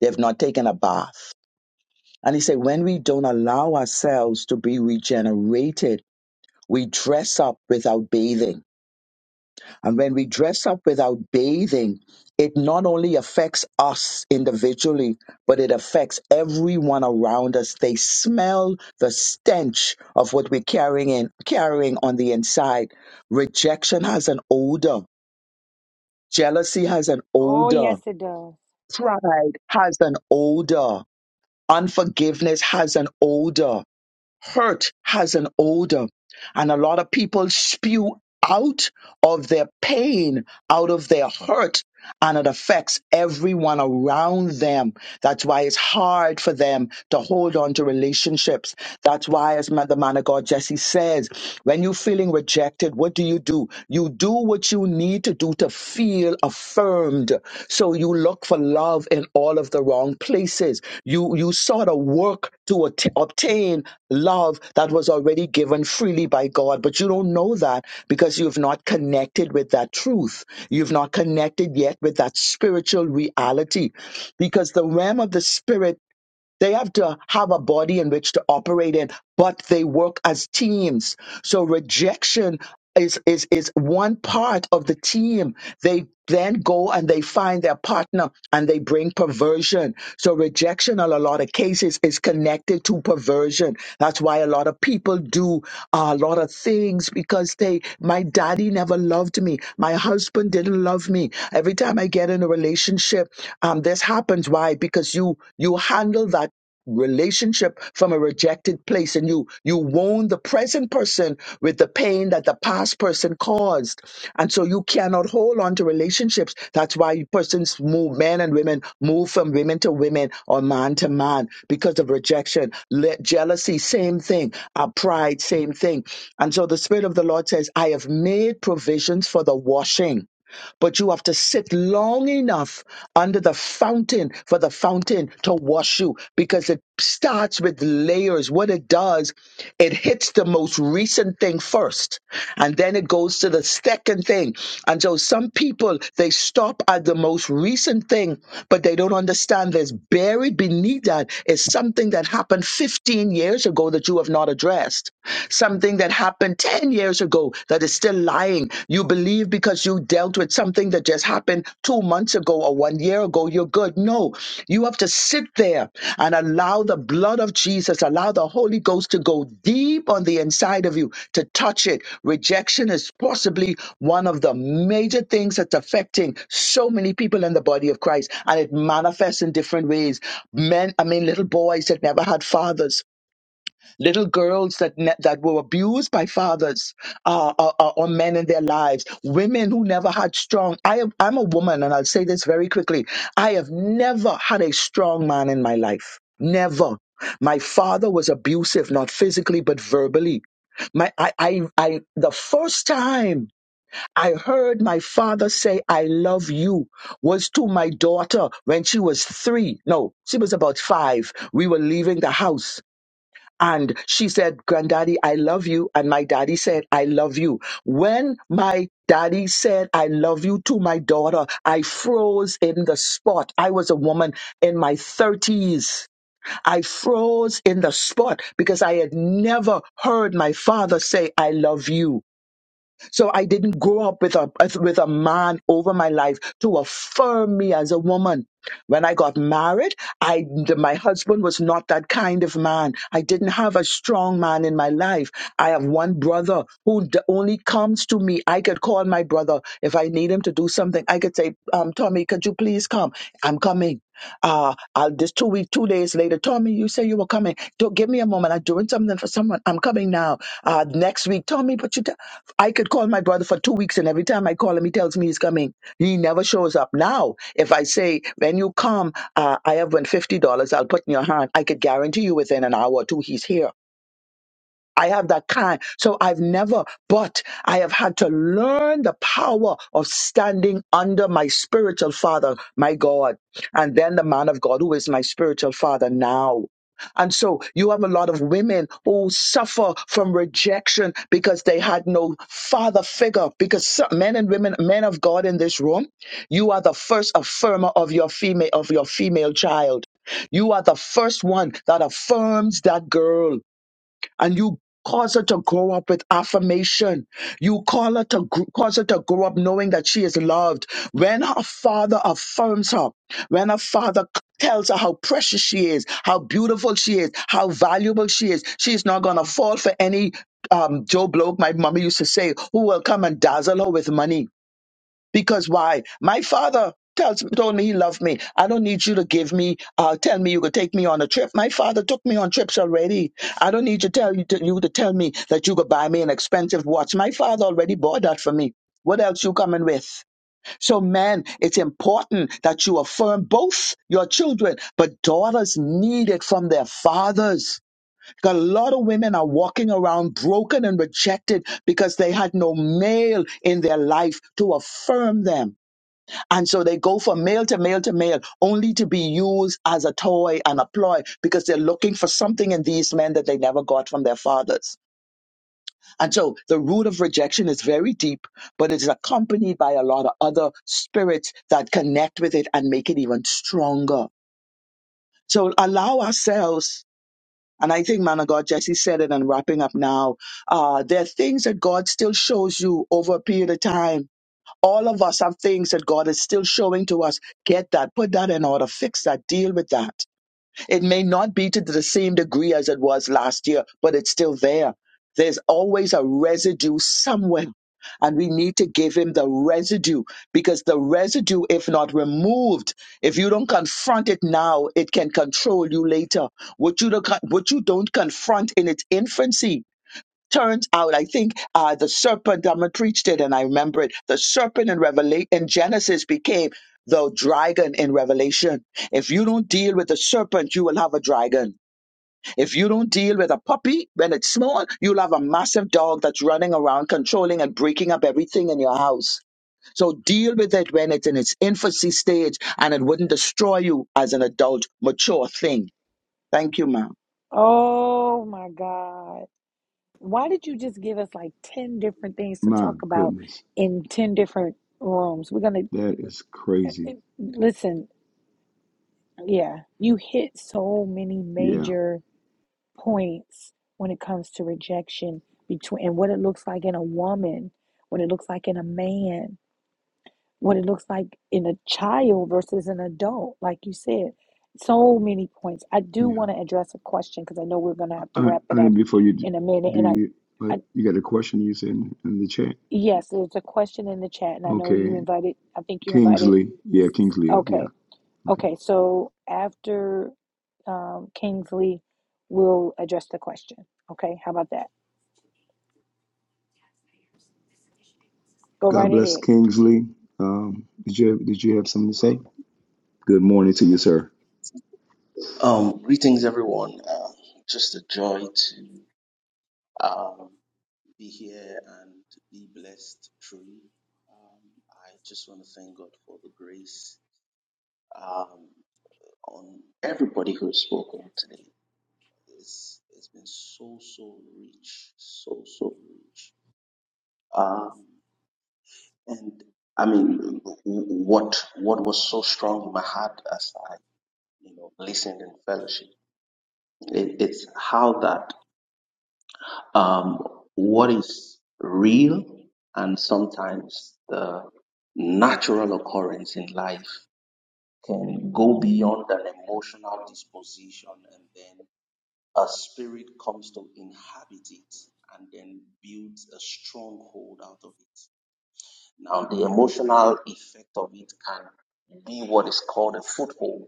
They've not taken a bath. And he said, when we don't allow ourselves to be regenerated, we dress up without bathing And when we dress up without bathing, it not only affects us individually, but it affects everyone around us. They smell the stench of what we're carrying in, carrying on the inside. Rejection has an odor. Jealousy has an Oh odor. yes, it does. Pride has an odor. Unforgiveness has an odor hurt has an odor. And a lot of people spew out of their pain, out of their hurt, and it affects everyone around them. That's why it's hard for them to hold on to relationships. That's why, as ma- the man of God Jesse says, when you're feeling rejected, what do you do? You do what you need to do to feel affirmed. So you look for love in all of the wrong places. You you sort of work to at- obtain love that was already given freely by God, but you don't know that because you've not connected with that truth. You've not connected yet with that spiritual reality, because the realm of the spirit they have to have a body in which to operate in, but they work as teams. So rejection is, is, is one part of the team. They then go and they find their partner and they bring perversion. So rejection in a lot of cases is connected to perversion. That's why a lot of people do a lot of things because they, my daddy never loved me. My husband didn't love me. Every time I get in a relationship, um, this happens why because you you handle that relationship from a rejected place and you you wound the present person with the pain that the past person caused and so you cannot hold on to relationships that's why persons move men and women move from women to women or man to man because of rejection Le- jealousy same thing uh, pride same thing and so the spirit of the lord says i have made provisions for the washing but you have to sit long enough under the fountain for the fountain to wash you because it starts with layers. What it does, it hits the most recent thing first and then it goes to the second thing. And so some people, they stop at the most recent thing, but they don't understand there's buried beneath that is something that happened 15 years ago that you have not addressed, something that happened 10 10 years ago that is still lying. You believe because you dealt with something that just happened two months ago or one year ago, you're good. No, you have to sit there and allow the blood of Jesus, allow the Holy Ghost to go deep on the inside of you to touch it. Rejection is possibly one of the major things that's affecting so many people in the body of Christ, and it manifests in different ways. Men, I mean, little boys that never had fathers little girls that ne- that were abused by fathers uh, or, or or men in their lives, women who never had strong. I am, I'm a woman, and I'll say this very quickly. I have never had a strong man in my life. Never. My father was abusive, not physically but verbally. My, I, I, I, the first time I heard my father say "I love you" was to my daughter when she was three. No, she was about five. We were leaving the house, and she said, Granddaddy, I love you. And my daddy said, I love you. When my daddy said, I love you to my daughter, I froze in the spot. I was a woman in my 30s. I froze in the spot because I had never heard my father say, I love you. So I didn't grow up with a with a man over my life to affirm me as a woman. When I got married, I my husband was not that kind of man. I didn't have a strong man in my life. I have one brother who d- only comes to me. I could call my brother if I need him to do something. I could say, um, "Tommy, could you please come?" I'm coming. Uh, I'll, this two week, two days later, Tommy, you say you were coming. Don't give me a moment. I'm doing something for someone. I'm coming now. Uh, next week, Tommy, but you, t- I could call my brother for two weeks, and every time I call him, he tells me he's coming. He never shows up. Now, if I say when you come, uh, I have won fifty dollars. I'll put in your hand. I could guarantee you within an hour or two, he's here. I have that kind. So I've never, but I have had to learn the power of standing under my spiritual father, my God, and then the man of God who is my spiritual father now. And so you have a lot of women who suffer from rejection because they had no father figure. Because some, men and women, men of God in this room, you are the first affirmer of your female of your female child. You are the first one that affirms that girl and you cause her to grow up with affirmation. You call her to gr- cause her to grow up knowing that she is loved. When her father affirms her, when her father c- tells her how precious she is, how beautiful she is, how valuable she is, she's not gonna fall for any um, Joe Bloke, my mommy used to say, who will come and dazzle her with money because why? My father tells told me he loved me. I don't need you to give me, uh, tell me you could take me on a trip. My father took me on trips already. I don't need to tell you to, you to tell me that you could buy me an expensive watch. My father already bought that for me. What else you coming with? So, man, it's important that you affirm both your children, but daughters need it from their fathers. A lot of women are walking around broken and rejected because they had no male in their life to affirm them and so they go from male to male to male, only to be used as a toy and a ploy because they're looking for something in these men that they never got from their fathers. And so the root of rejection is very deep, but it's accompanied by a lot of other spirits that connect with it and make it even stronger. So allow ourselves. And I think, man of God, Jesse said it and wrapping up now. Uh, there are things that God still shows you over a period of time all of us have things that God is still showing to us. Get that, put that in order, fix that, deal with that. It may not be to the same degree as it was last year, but it's still there. There's always a residue somewhere. And we need to give him the residue because the residue, if not removed, if you don't confront it now, it can control you later. What you don't, what you don't confront in its infancy turns out, I think uh, the serpent, I'm going to preach it and I remember it. The serpent in Revelation, in Genesis became the dragon in Revelation. If you don't deal with the serpent, you will have a dragon. If you don't deal with a puppy when it's small, you'll have a massive dog that's running around controlling and breaking up everything in your house. So deal with it when it's in its infancy stage and it wouldn't destroy you as an adult, mature thing. Thank you, ma'am. Oh my God. Why did you just give us like 10 different things to My talk about goodness, in 10 different rooms? We're going that is crazy. to listen. Yeah, you hit so many Yeah, major points when it comes to rejection between and what it looks like in a woman, what it looks like in a man, what it looks like in a child versus an adult, like you said. So many points. I do yeah. want to address a question because I know we're going to have to I wrap it Honey, up before you d- in a minute. do And you, I, I. but you got a question you said in, in the chat. Yes, there's a question in the chat, and I know you Okay, invited, I think you invited. Kingsley. Yeah, Kingsley. Up. Yeah. Okay, Okay. okay, so after um, Kingsley, we'll address the question. Okay, how about that? Go right God bless ahead. Kingsley. Um, did you did you have something to say? Good morning to you, sir. Um, greetings, everyone. Uh, just a joy to um, be here and be blessed truly. Um, I just want to thank God for the grace um, on everybody who has spoken today. It's, it's been so, so rich, so, so rich. Um, and I mean, w- w- what what was so strong in my heart as I, you know, listened in fellowship, it, it's how that um, what is real and sometimes the natural occurrence in life can go beyond an emotional disposition and then a spirit comes to inhabit it and then builds a stronghold out of it. Now, the emotional effect of it can be what is called a foothold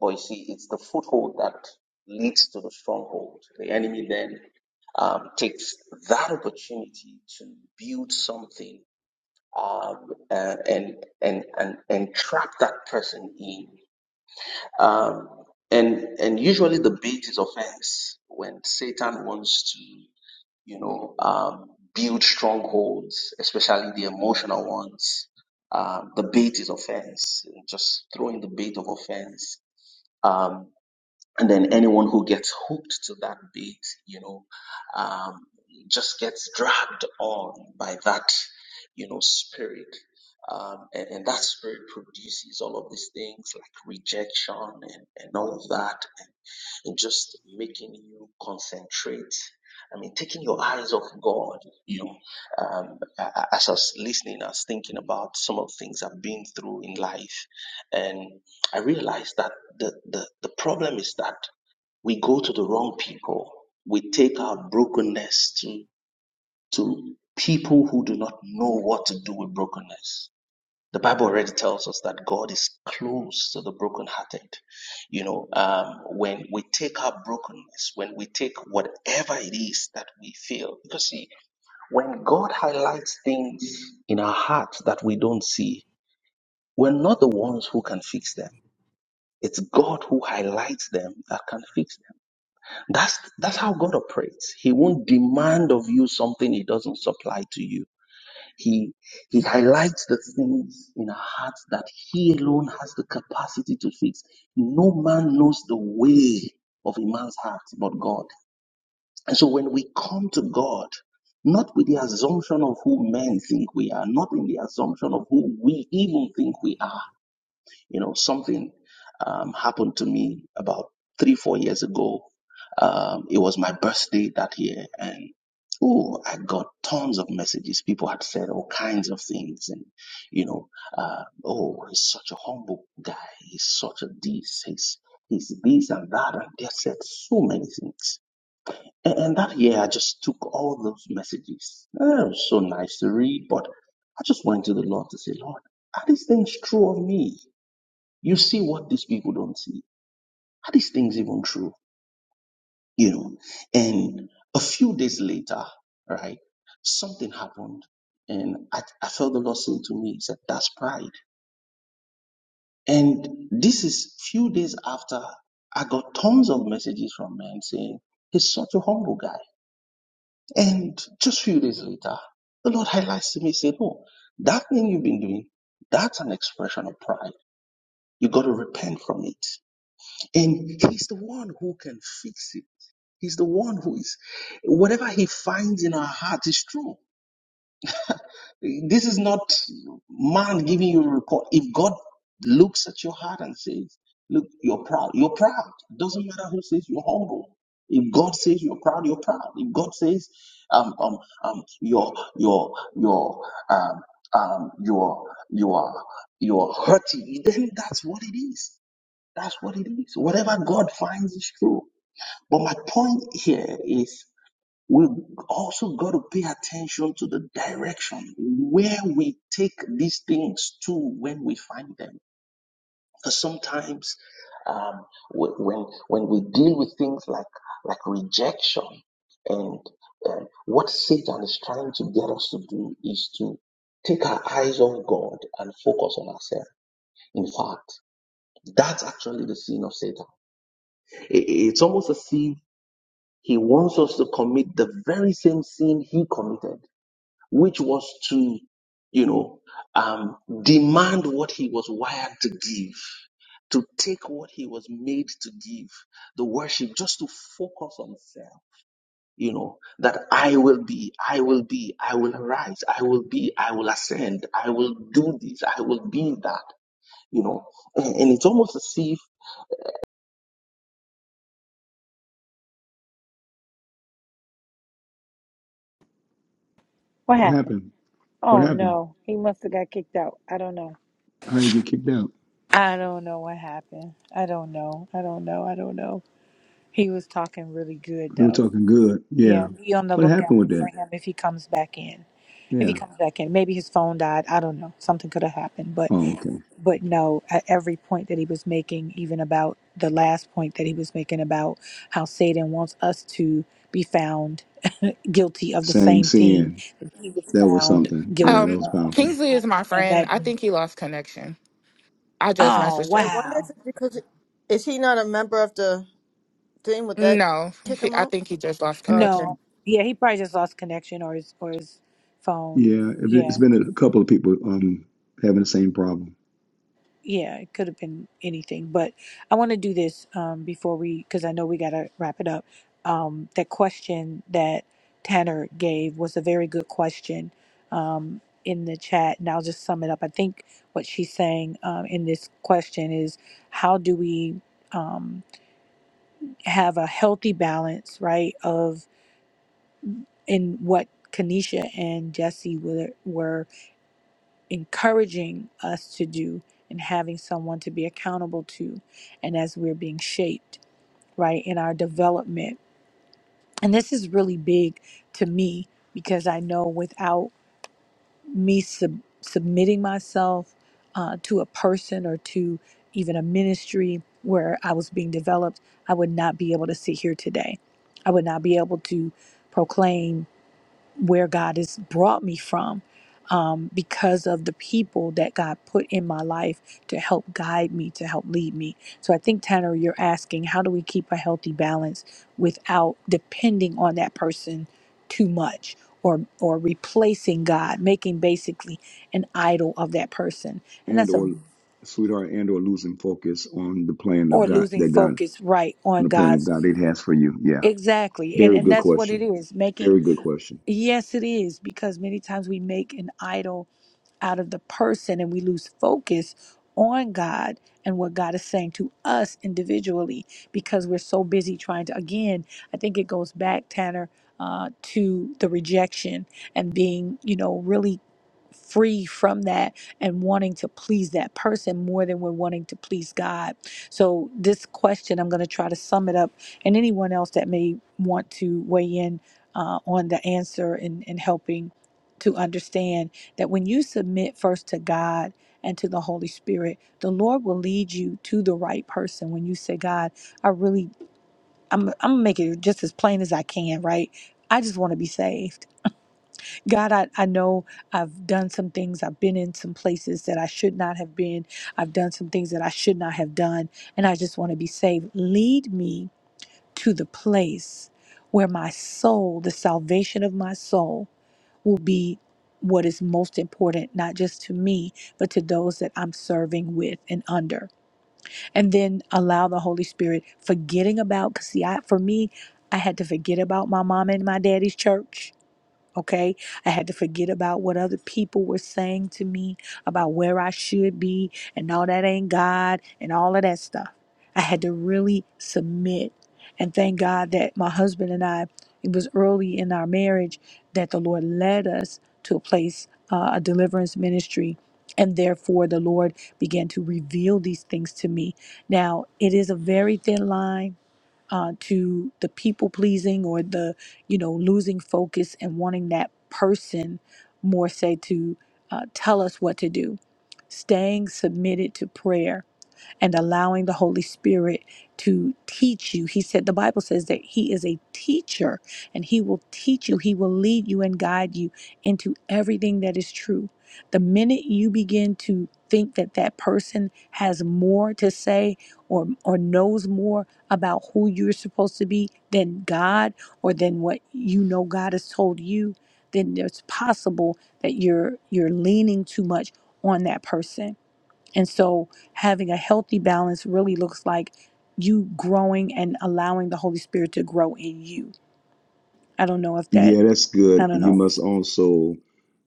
but you see, it's the foothold that leads to the stronghold. The enemy then um, takes that opportunity to build something um, uh, and, and and and trap that person in. Um, and and usually the bait is offense when Satan wants to, you know, um, build strongholds, especially the emotional ones. Um, the bait is offense, just throwing the bait of offense. Um, and then anyone who gets hooked to that beat, you know, um, just gets dragged on by that, you know, spirit. Um, and, and that spirit produces all of these things like rejection and, and all of that, and, and just making you concentrate. I mean, taking your eyes off God, you know, um, a- a- as I was listening, I was thinking about some of the things I've been through in life. And I realized that the, the, the problem is that we go to the wrong people. We take our brokenness to, to people who do not know what to do with brokenness. The Bible already tells us that God is close to the brokenhearted. You know, um, when we take our brokenness, when we take whatever it is that we feel, because see, when God highlights things in our hearts that we don't see, we're not the ones who can fix them. It's God who highlights them that can fix them. That's that's how God operates. He won't demand of you something he doesn't supply to you. He he highlights the things in our hearts that he alone has the capacity to fix. No man knows the way of a man's heart but God. And so when we come to God, not with the assumption of who men think we are, not in the assumption of who we even think we are, you know, something um, happened to me about three, four years ago. Um, it was my birthday that year, and oh, I got tons of messages. People had said all kinds of things, and you know, uh, oh, he's such a humble guy. He's such a this. He's he's this and that, and they said so many things. And, and that year, I just took all those messages. Oh, it was so nice to read, but I just went to the Lord to say, Lord, are these things true of me? You see what these people don't see. Are these things even true? You know, and a few days later, right, something happened. And I, I felt the Lord saying to me, He said, That's pride. And this is few days after I got tons of messages from men saying, He's such a humble guy. And just few days later, the Lord highlights to me, said, Oh, that thing you've been doing, that's an expression of pride. You got to repent from it. And he's the one who can fix it. He's the one who is, whatever he finds in our heart is true. This is not man giving you a report. If God looks at your heart and says, Look, you're proud, you're proud. Doesn't matter who says you're humble. If God says you're proud, you're proud. If God says um, um, um, you're, you're, you're, um, um, you're, you're, you're hurting, then that's what it is. That's what it is. Whatever God finds is true. But my point here is we also got to pay attention to the direction where we take these things to when we find them. Because sometimes um, when when we deal with things like like rejection and um, what Satan is trying to get us to do is to take our eyes off God and focus on ourselves. In fact, that's actually the sin of Satan. I- It's almost as if He wants us to commit the very same sin he committed, which was to, you know, um, demand what he was wired to give, to take what he was made to give, the worship, just to focus on self. You know, that I will be, I will be, I will arise, I will be, I will ascend, I will do this, I will be that, you know. And, and it's almost as if, What What happened? happened? What Oh happened? no, he must have got kicked out. I don't know. How did you get kicked out? I don't know what happened. I don't know. I don't know. I don't know. He was talking really good We were though. talking good. Yeah, Yeah. be on the What happened lookout with for that? him if he comes back in. If he Yeah. comes back in, maybe his phone died. I don't know. Something could have happened, but Oh, okay. but no. At every point that he was making, even about the last point that he was making about how Satan wants us to be found guilty of the Same same thing sin. that he was That was found something. Yeah, that guilty Um, was of, powerful. Kingsley is my and friend. that. I think he lost connection. I just Oh messaged I him. wonder if wow! it's because is he not a member of the thing? Would that No, kick he, him I out? think he just lost Oh, okay. No, connection. yeah, he probably just lost connection or his or his phone. Yeah, it Yeah. it's been a couple of people um having the same problem, yeah, it could have been anything, but I want to do this um, before we, because I know we got to wrap it up. Um, that question that Tanner gave was a very good question um, in the chat, and I'll just sum it up. I think what she's saying um, in this question is how do we um, have a healthy balance, right? Of in what Kanisha and Jesse were, were encouraging us to do and having someone to be accountable to and as we're being shaped right in our development and this is really big to me because i know without me sub- submitting myself uh, to a person or to even a ministry where i was being developed i would not be able to sit here today i would not be able to proclaim where God has brought me from um, because of the people that God put in my life to help guide me, to help lead me. So I think, Tanner, you're asking how do we keep a healthy balance without depending on that person too much? Or, or replacing God, making basically an idol of that person. And and that's a, or sweetheart, and or losing focus on the plan of or God losing that God focus right on on the plan of God's. God it has for you. Yeah, Exactly. And, very and good that's what it question. is. Making, Very good question. yes, it is, because many times we make an idol out of the person and we lose focus on God and what God is saying to us individually because we're so busy trying to, again, I think it goes back, Tanner, uh, to the rejection and being, you know, really free from that and wanting to please that person more than we're wanting to please God. So, this question, I'm going to try to sum it up, and anyone else that may want to weigh in uh, on the answer and, and helping to understand that when you submit first to God and to the Holy Spirit, the Lord will lead you to the right person. When you say, God, I really, I'm, I'm going to make it just as plain as I can, right? I just want to be saved. God, I, I know I've done some things. I've been in some places that I should not have been. I've done some things that I should not have done. And I just want to be saved. Lead me to the place where my soul, the salvation of my soul, will be what is most important, not just to me, but to those that I'm serving with and under. And then allow the Holy Spirit, forgetting about, because see, I, for me, I had to forget about my mom and my daddy's church Okay. I had to forget about what other people were saying to me about where I should be and all that ain't God and all of that stuff. I had to really submit. And thank God that my husband and I, it was early in our marriage that the Lord led us to a place, uh, a deliverance ministry. And therefore, the Lord began to reveal these things to me. Now, it is a very thin line uh, to the people pleasing or the you know losing focus and wanting that person more say to uh, tell us what to do staying submitted to prayer and allowing the Holy Spirit to teach you. He said, the Bible says that He is a teacher and He will teach you, He will lead you and guide you into everything that is true. The minute you begin to think that that person has more to say or, or knows more about who you're supposed to be than God or than what you know God has told you, then it's possible that you're you're leaning too much on that person and so having a healthy balance really looks like you growing and allowing the Holy Spirit to grow in you. I don't know if that, Yeah, that's I good. don't You know. must also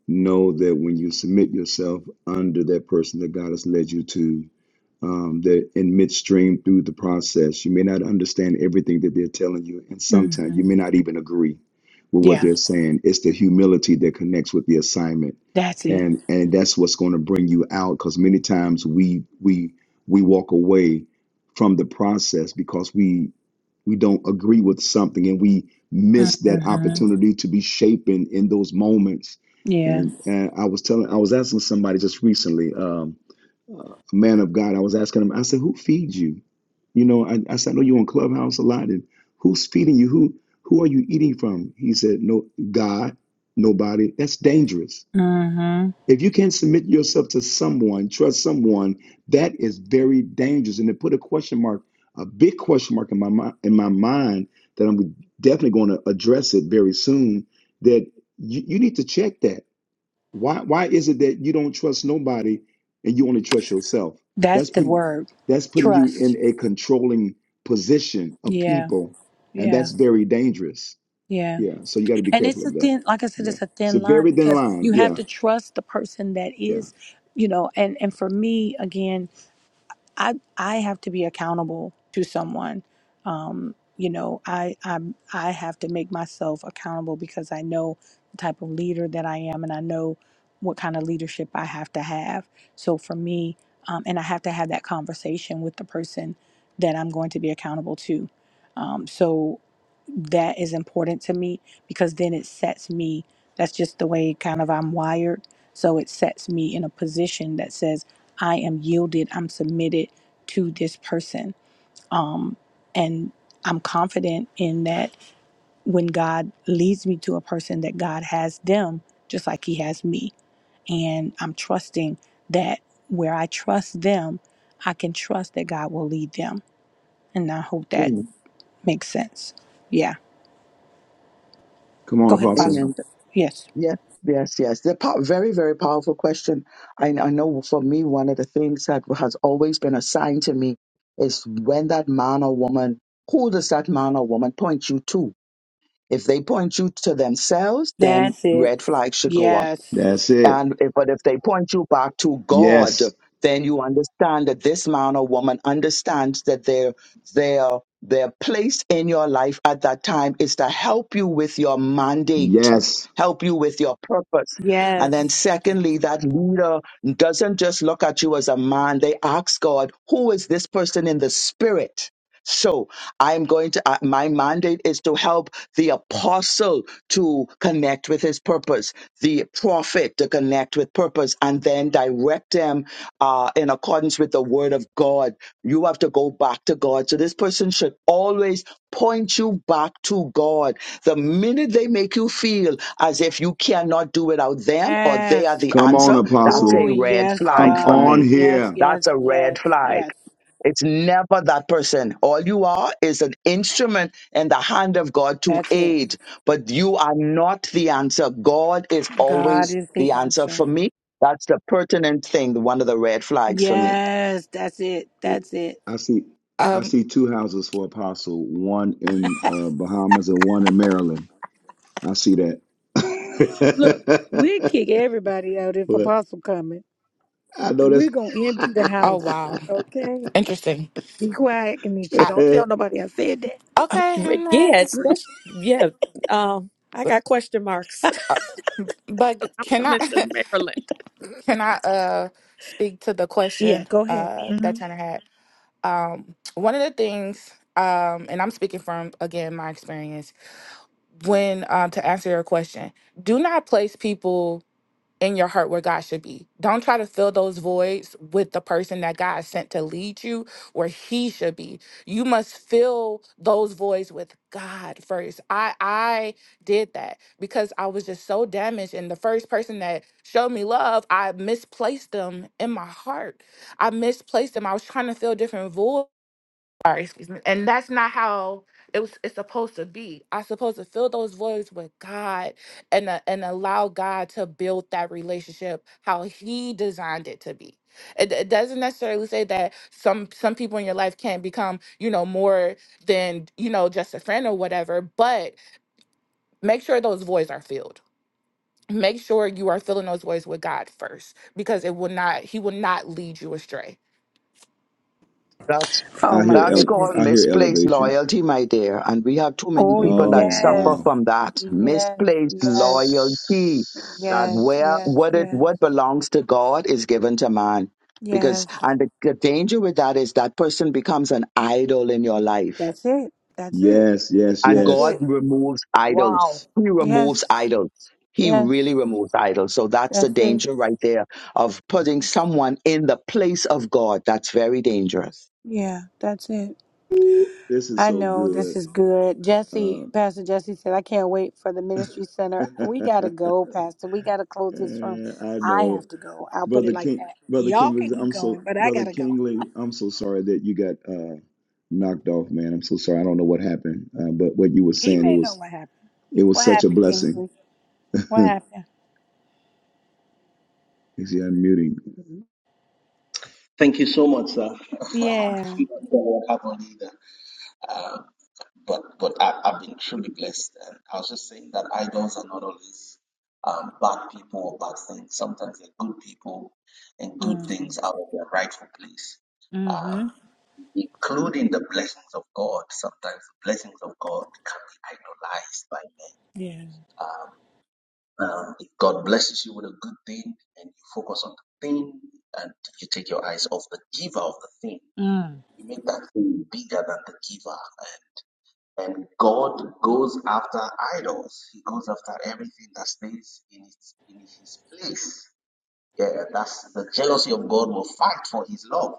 know that when you submit yourself under that person that God has led you to, um, that in midstream through the process, you may not understand everything that they're telling you, and sometimes hmm you may not even agree with what Yeah, they're saying. It's the humility that connects with the assignment, that's it. and and that's what's going to bring you out. Because many times we we we walk away from the process because we we don't agree with something, and we miss that hmm opportunity to be shaping in those moments. Yeah. And, and I was telling, I was asking somebody just recently. Um, uh, a man of God. I was asking him, I said, who feeds you? You know, I, I said, I know you're on Clubhouse a lot, and who's feeding you? Who who are you eating from? He said, No, God, nobody. That's dangerous. hmm If you can't submit yourself to someone, trust someone, that is very dangerous. And it put a question mark, a big question mark in my mind, in my mind that I'm definitely going to address it very soon. That you, you need to check that why why is it that you don't trust nobody and you only trust yourself? That's That's the putting word. that's putting you in Trust. a controlling position of Yeah. people, and Yeah. that's very dangerous. Yeah. Yeah. So you got to be And careful it's a of that. thin, like I said, Yeah. it's a It's a thin line very thin because line. you have Yeah. to trust the person that Yeah. is, you know, and, and for me, again, I I have to be accountable to someone. Um, you know, I i I have to make myself accountable because I know the type of leader that I am, and I know what kind of leadership I have to have. So for me, um, and I have to have that conversation with the person that I'm going to be accountable to. Um, so that is important to me because then it sets me that's just the way kind of I'm wired so it sets me in a position that says I am yielded I'm submitted to this person and I'm confident in that when God leads me to a person that God has them just like he has me and I'm trusting that where I trust them I can trust that God will lead them and I hope that Amen. makes sense yeah Come on, go ahead Apostle. Amen. apostle yes Yes, yes, yes. The po- very, very powerful question. I, I know for me, one of the things that has always been assigned to me is when that man or woman, who does that man or woman point you to? If they point you to themselves, then That's it. red flags should go up. Yes. That's it. And if, but if they point you back to God, Yes. then you understand that this man or woman understands that their their their place in your life at that time is to help you with your mandate, Yes. help you with your purpose. And then Yes. secondly, that leader doesn't just look at you as a man, they ask God, who is this person in the spirit? So I'm going to, uh, my mandate is to help the apostle to connect with his purpose, the prophet to connect with purpose, and then direct them uh, in accordance with the word of God. You have to go back to God. So this person should always point you back to God. The minute they make you feel as if you cannot do without them or they are Yes. the Come on, answer, that's Oh, a Apostle. red yes, flag Come for God. on me. Yes, here. That's yes, a red yes, flag. yes. It's never that person. All you are is an instrument in the hand of God to That's it. aid, but you are not the answer. God is God always is the the answer answer. for me. That's the pertinent thing, one of the red flags for me. Yes, that's it. Eh, That's it. I see I Um. see two houses for Apostle, one in uh, Bahamas and one in Maryland. I see that. Look, we kick everybody out if but Apostle coming. I know that's. We're gonna empty the Oh house. wow, Okay. interesting. Be quiet, Kenisha. I, Don't tell nobody I said that. Uh, okay, I'm Okay. Yeah, especially yeah. Um, I But, got question marks. uh, but 'Cause I'm can I coming to Maryland. can I uh speak to the Yeah, question go ahead. uh hmm that Turner had? Um, one of the things um, and I'm speaking from again my experience. when um, to answer your question, do not place people in your heart where God should be. Don't try to fill those voids with the person that God sent to lead you where he should be. You must fill those voids with God first. I I did that because I was just so damaged and the first person that showed me love, I misplaced them in my heart. I misplaced them. I was trying to fill different voids sorry, excuse me. And that's not how it was it's supposed to be. I'm supposed to fill those voids with God and uh, and allow God to build that relationship how he designed it to be. It, it doesn't necessarily say that some some people in your life can't become, you know, more than, you know, just a friend or whatever, but make sure those voids are filled. Make sure you are filling those voids with God first because it will not he will not lead you astray That's Oh, I my hear that's ele- called goodness. I hear misplaced elevation. loyalty, my dear. And we have too many Oh, people Oh that suffer yes. wow! from that Yes. misplaced Yes. loyalty. That Yes, where yes, what it yes, what belongs to God is given to man. Because yes. and the, the danger with that is that person becomes an idol in your life. That's it. That's it. Yes, yes, And That's yes. God it. removes Wow. idols. He removes Yes, idols. He yes, really removes idols. So that's the that's it. danger right there of putting someone in the place of God. That's very dangerous. Yeah, that's it. Ooh, this is I so know this good. is good. Jesse, Uh, Pastor Jesse said, I can't wait for the ministry center. We got to go, Pastor. We got to close this room. I I know. have to go. I'll put it Brother like King, that. Brother Y'all Kingley, can keep I'm going, so but I got Brother to go. Kingley, I'm so sorry that you got uh, knocked off, man. I'm so sorry. I don't know what happened, uh, but what you were He saying, it may know was what happened. it was What such a happened, blessing. Kingsley? What happened? Is he unmuting? thank you so much, sir. I'm not Yeah. sure what happened either. but but I, I've been truly blessed. And I was just saying that idols are not always um, bad people or bad things. Sometimes they're good people, and good Mm, things out of their rightful place, um, mm-hmm. including the blessings of God. Sometimes the blessings of God can be idolized by men. Yeah. Um, if God blesses you with a good thing, and you focus on the thing, and you take your eyes off the giver of the thing, Mm. you make that thing bigger than the giver, And God goes after idols. He goes after everything that stays in its in his place. Yeah, that's the jealousy of God will fight for his love.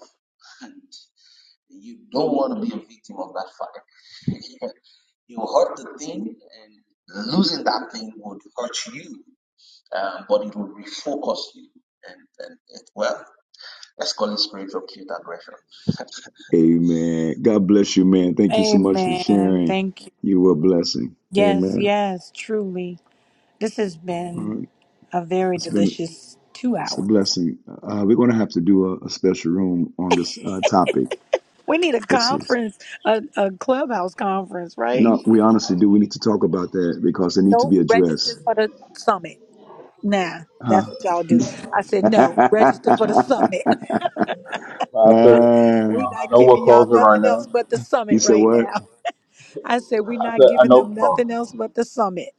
And you don't want to be a victim of that fight. you hurt the thing and losing that thing would hurt you. Um, but it will refocus you and, and it well, let's call it spiritual cute aggression. Amen. God bless you, man. Thank you so much for Amen. sharing. Thank you. You were a blessing. Yes, Amen. yes, truly. This has All been right. a very It's been delicious two it's a hours. blessing. Uh, we're gonna have to do a, a special room on this uh, topic. We need a This is conference, a, a clubhouse conference, right? no, we honestly do. We need to talk about that because it needs to No, be addressed register for the summit. Nah, that's Huh. what y'all do. I said, no, register for the summit. Pastor, Uh, I we not know we're giving y'all closing right nothing else now. but the you summit said right now. what? I said, we I not said, I giving them know. Oh, nothing else but the summit.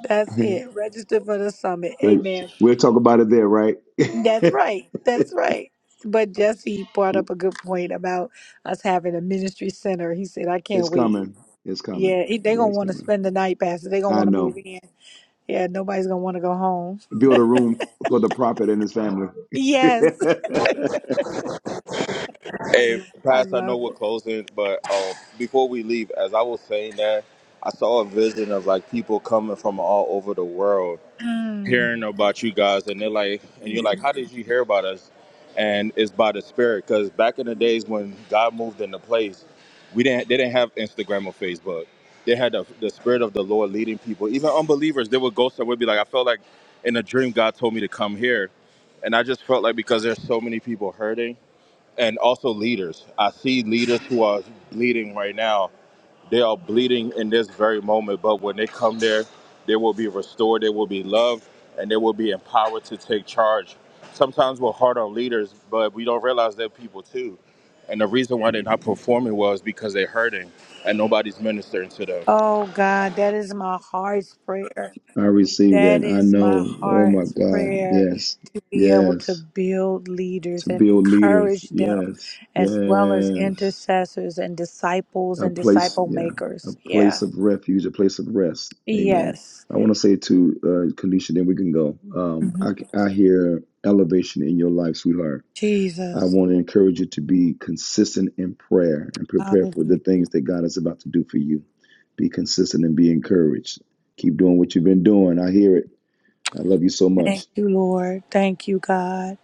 That's it. Register for the summit. but Amen. we'll talk about it there, right? That's right. That's right. But Jesse brought up a good point about us having a ministry center. He said, I can't it's wait. coming. It's coming. Yeah, he- they Yeah, going to it's want to coming. spend the night, Pastor. they going to I want to move know. in. Yeah, nobody's going to want to go home. Build a room f- for the prophet and his family. I Yes, Hey, I Pastor, I know love we're it. closing, but um, before we leave, as I was saying that, I saw a vision of like people coming from all over the world Mm. hearing about you guys, and they're like, and you're Yes. like, how did you hear about us? And it's by the Spirit, because back in the days when God moved into place, we didn't, they didn't have Instagram or Facebook. They had the, the Spirit of the Lord leading people, even unbelievers. They would go somewhere, be like, I felt like in a dream God told me to come here And I just felt like because there's so many people hurting and also leaders. I see leaders who are bleeding right now. They are bleeding in this very moment, but when they come there, they will be restored, they will be loved, and they will be empowered to take charge. Sometimes we're hard on leaders, but we don't realize they're people too. And the reason why they're not performing well is because they're hurting and nobody's ministering to them. Oh, God, that is my heart's prayer. receive That that. I is my know. Oh my heart's God. prayer Yes. to be able to Yes. build leaders To and build leaders. encourage them Yes. as well as Yes. intercessors and disciples a and place, disciple yeah, a makers. Yeah. place of refuge, a place of rest. Amen. Yes. I want to say to uh, Kanisha, then we can go. Um, I, Mhm. I hear elevation in your life, sweetheart. I Jesus. want to encourage you to be consistent in prayer and prepare for the Hallelujah. things that God is about to do for you. Be consistent and be encouraged. Keep doing what you've been doing. I hear it. I love you so much. Thank you, Lord. Thank you, God.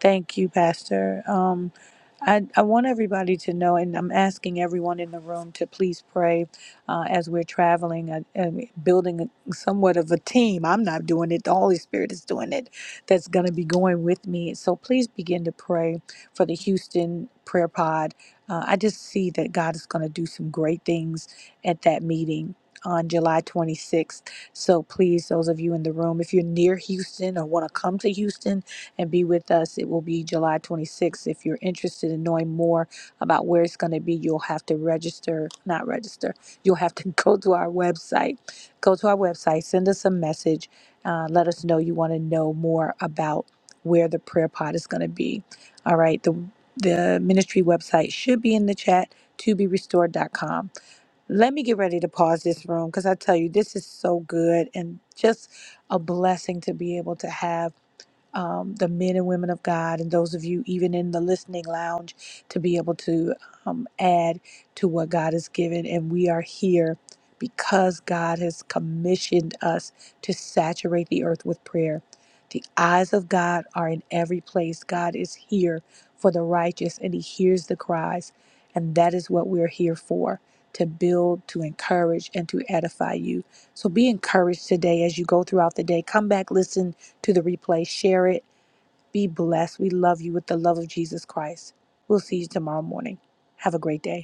Thank you, Pastor. Um, I, I want everybody to know, and I'm asking everyone in the room to please pray uh, as we're traveling uh, and building somewhat of a team. I'm not doing it, the Holy Spirit is doing it, that's going to be going with me. So please begin to pray for the Houston Prayer Pod. Uh, I just see that God is going to do some great things at that meeting on July 26th. So please, those of you in the room, if you're near Houston or want to come to Houston, and be with us. It will be July 26th. If you're interested in knowing more about where it's going to be, you'll have to register, not register, you'll have to go to our website. Go to our website, send us a message, uh, let us know you want to know more about where the prayer pod is going to be. All right, the the ministry website should be in the chat to be restored dot com. Let me get ready to pause this room because I tell you, this is so good and just a blessing to be able to have um, the men and women of God, and those of you even in the listening lounge to be able to um, add to what God has given. And we are here because God has commissioned us to saturate the earth with prayer. The eyes of God are in every place. God is here for the righteous, and He hears the cries. And that is what we're here for to build, to encourage, and to edify you. So be encouraged today as you go throughout the day. Come back, listen to the replay, share it. Be blessed. We love you with the love of Jesus Christ. We'll see you tomorrow morning. Have a great day.